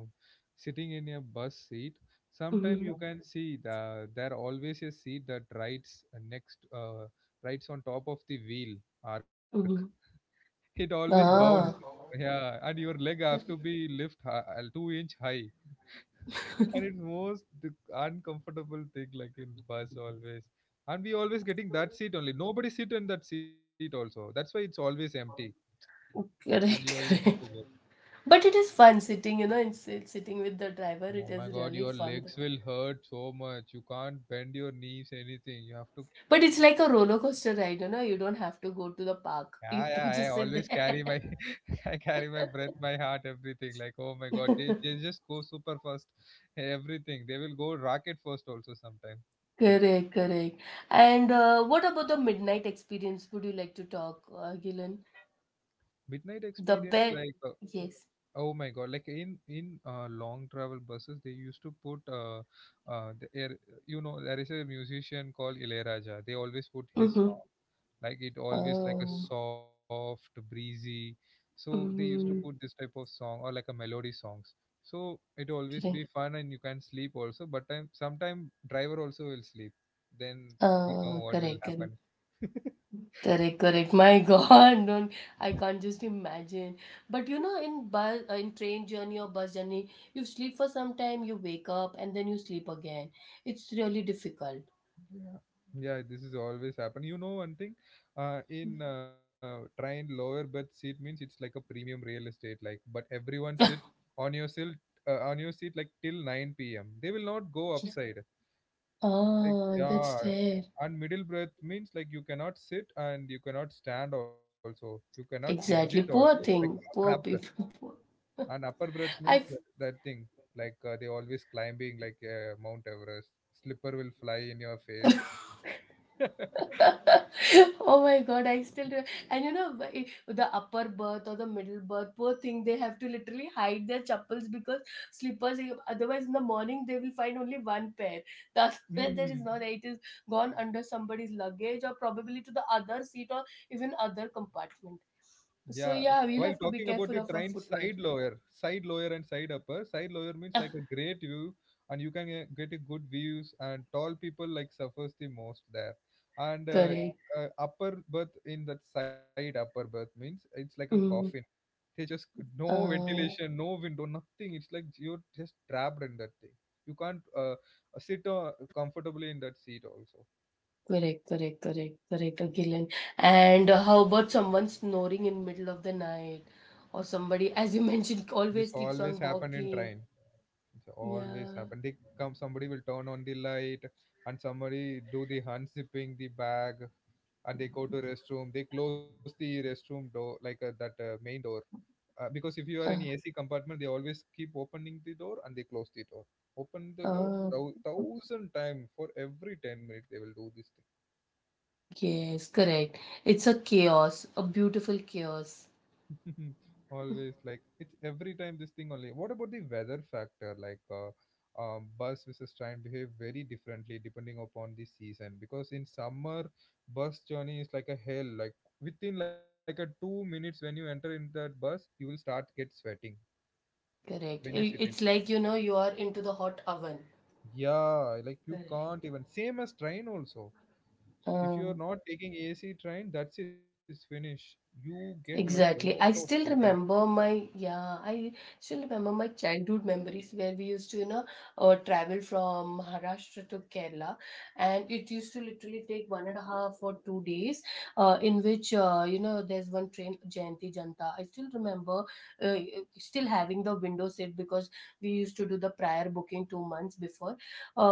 A: sitting in a bus seat, sometimes
B: Mm-hmm.
A: you can see the there always a seat that rides next rides on top of the wheel arc.
B: Mm-hmm.
A: It always bounds.
B: Ah,
A: Yeah, and your leg have to
B: correct,
A: be lift two-inch high, and it's most uncomfortable thing like in bus always. And we always getting that seat only. Nobody sit in that seat also. That's why it's always empty, and you are
B: correct,
A: easy to
B: correct.
A: get.
B: But it is fun sitting, you know, it's sitting with the driver.
A: Oh
B: It
A: my
B: is
A: god,
B: really
A: your
B: fun.
A: legs will hurt so much. You can't bend your knees, anything. You have to.
B: But it's like a roller coaster ride, you know, you don't have to go to the
A: Yeah,
B: park.
A: yeah.
B: You
A: I
B: can just
A: always
B: sit
A: carry my,
B: there.
A: I carry my breath, my heart, everything. Like, oh my god, they just go super fast. Everything. They will go rocket first also sometime. Yes.
B: correct, correct. And what about the midnight experience? Would you like to talk, Gilan?
A: Midnight
B: The
A: experience,
B: bed.
A: like,
B: Yes.
A: oh my god, like in long travel buses, they used to put the air. You know, there is a musician called Ilaiyaraaja. They always put his
B: Mm-hmm.
A: song. Like, it always like a
B: Um,
A: soft breezy, so they used to put
B: mm,
A: this type of song or like a melody songs, so it always be
B: correct.
A: fun and you can sleep also, but time sometime driver also will sleep then you know what will
B: Correct, correct.
A: happen.
B: Correct, correct. My God, don't, I can't just imagine. But you know, in bus, in train journey or bus journey, you sleep for some time, you wake up, and then you sleep again. It's really difficult.
A: Yeah, yeah, this is always happen. You know one thing, in train lower berth seat means it's like a premium real estate, like but everyone sit on your seat, on your seat like till 9 p.m, they will not go upside. Like,
B: Ah, that's
A: yeah,
B: there.
A: and middle breath means like you cannot sit and you cannot stand also. You cannot exit also.
B: Exactly.
A: It's like
B: Poor
A: a
B: thing.
A: trap
B: Poor
A: breath.
B: people. Poor.
A: And upper breath means
B: I
A: that, that thing. Like they always climbing like Mount Everest. Slipper will fly in your face.
B: oh my god, I still do. And you know, i- the upper berth or the middle berth, poor thing, they have to literally hide their chappals because slippers, eh, otherwise, in the morning, they will find only one pair. The other pair there is
A: Mm.
B: not, it is gone under somebody's luggage or probably to the other seat or even other compartment.
A: Yeah,
B: So,
A: while
B: yeah, we'll have
A: talking
B: to be
A: about the
B: careful of
A: train
B: your footwear.
A: side lower and side upper. Side lower means like a great view, and you can get a good views. And tall people like suffers the most there. And uh,
B: Correct.
A: uh, upper berth in that side upper berth means it's like a coffin.
B: Mm.
A: They just no ventilation, no window, nothing. It's like you're just trapped in that thing. You can't sit comfortably in that seat also.
B: Correct, correct, correct, correct, Akhil. And how about someone snoring in middle of the night, or somebody, as you mentioned,
A: This
B: always keeps
A: always
B: on
A: happen in
B: walking.
A: train. It always
B: Yeah.
A: happen. They come, somebody will turn on the light, and somebody do the unzipping the bag, and they go to restroom. They close the restroom door, like that main door, because if you are in
B: Uh,
A: AC compartment, they always keep opening the door and they close the door. Open the door
B: uh,
A: thousand time for every 10 minutes. They will do this.
B: yes, correct. It's a chaos, a beautiful chaos.
A: Always like it's every time this thing only. What about the weather factor? Like, bus versus train behave very differently depending upon the season. Because in summer, bus journey is like a hell. Like within like a 2 minutes when you enter in that bus, you will start get sweating
B: Correct.
A: when you sit in.
B: It's like you know you are into the hot oven.
A: Yeah, like you
B: Correct.
A: can't even. Same as train also. If you are
B: Um,
A: not taking AC train, that's it, it's finished. You get like lot
B: Exactly.
A: of
B: I still
A: sweating.
B: remember my yeah, I still remember my childhood memories where we used to, you know, travel from Maharashtra to Kerala, and it used to literally take one and a half or 2 days, in which you know there's one train Jayanti Janta. I still remember uh, still having the window seat because we used to do the prior booking 2 months before.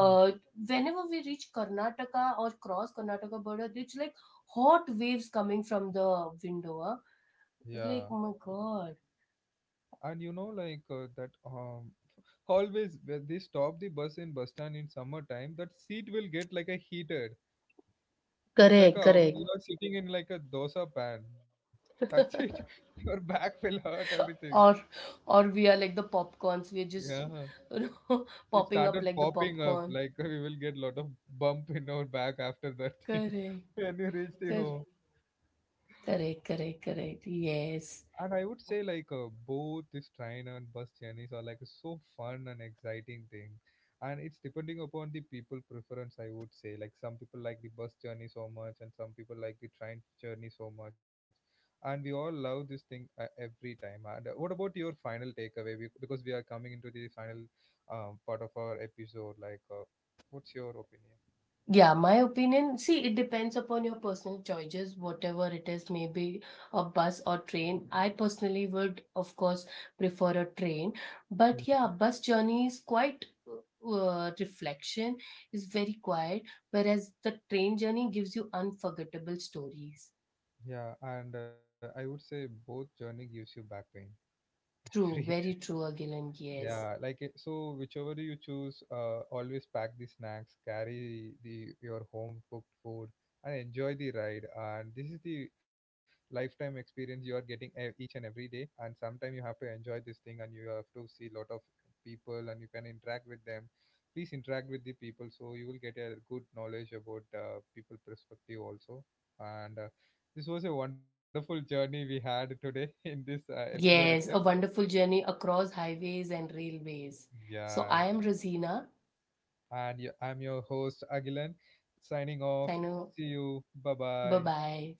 A: Hmm.
B: whenever we reach Karnataka or cross Karnataka border, it's like hot waves coming from the window. Huh?
A: Yeah,
B: It's like, oh my God.
A: and you know like that always when they stop the bus in bus stand in summertime, that seat will get like a heated, it's like
B: Correct,
A: a
B: correct.
A: you are sitting in like a dosa pan, that's it. Your back will hurt everything.
B: or or we are like the popcorns. We're just
A: Yeah,
B: you know,
A: it
B: popping up
A: started
B: like the
A: popping up
B: popcorn.
A: like we will get lot of bump in our back after that thing
B: Correct,
A: when you reach the
B: correct,
A: home.
B: correct, correct, correct.
A: And I
B: Yes.
A: would say like both this train and bus journeys are like so fun and exciting thing. And it's depending upon the people preference, I would say. Like some people like the bus journey so much and some people like the train journey so much. And we all love this thing every time. And what about your final takeaway? Because we are coming into the final part of our episode. Like, what's your opinion?
B: Yeah, my opinion, see, it depends upon your personal choices, whatever it is, maybe a bus or train. I personally would, of course, prefer a train. But
A: Mhm.
B: yeah, bus journey is quite reflection, is very quiet, whereas the train journey gives you unforgettable stories.
A: Yeah, and I would say both journey gives you back pain, free.
B: True, very true, Agilan, yes.
A: Yeah, like so whichever you choose, always pack the snacks, carry the your home cooked food, and enjoy the ride. And this is the lifetime experience you are getting each and every day. And sometimes you have to enjoy this thing, and you have to see lot of people, and you can interact with them. Please interact with the people, so you will get a good knowledge about people perspective also. And this was a wonderful journey we had today in this episode itself.
B: Yes, a wonderful journey across highways and railways. So
A: Yeah,
B: I am Rosina.
A: and I'm your host, Agilan, signing
B: I
A: off.
B: know.
A: See you. Bye
B: Bye
A: bye.
B: bye.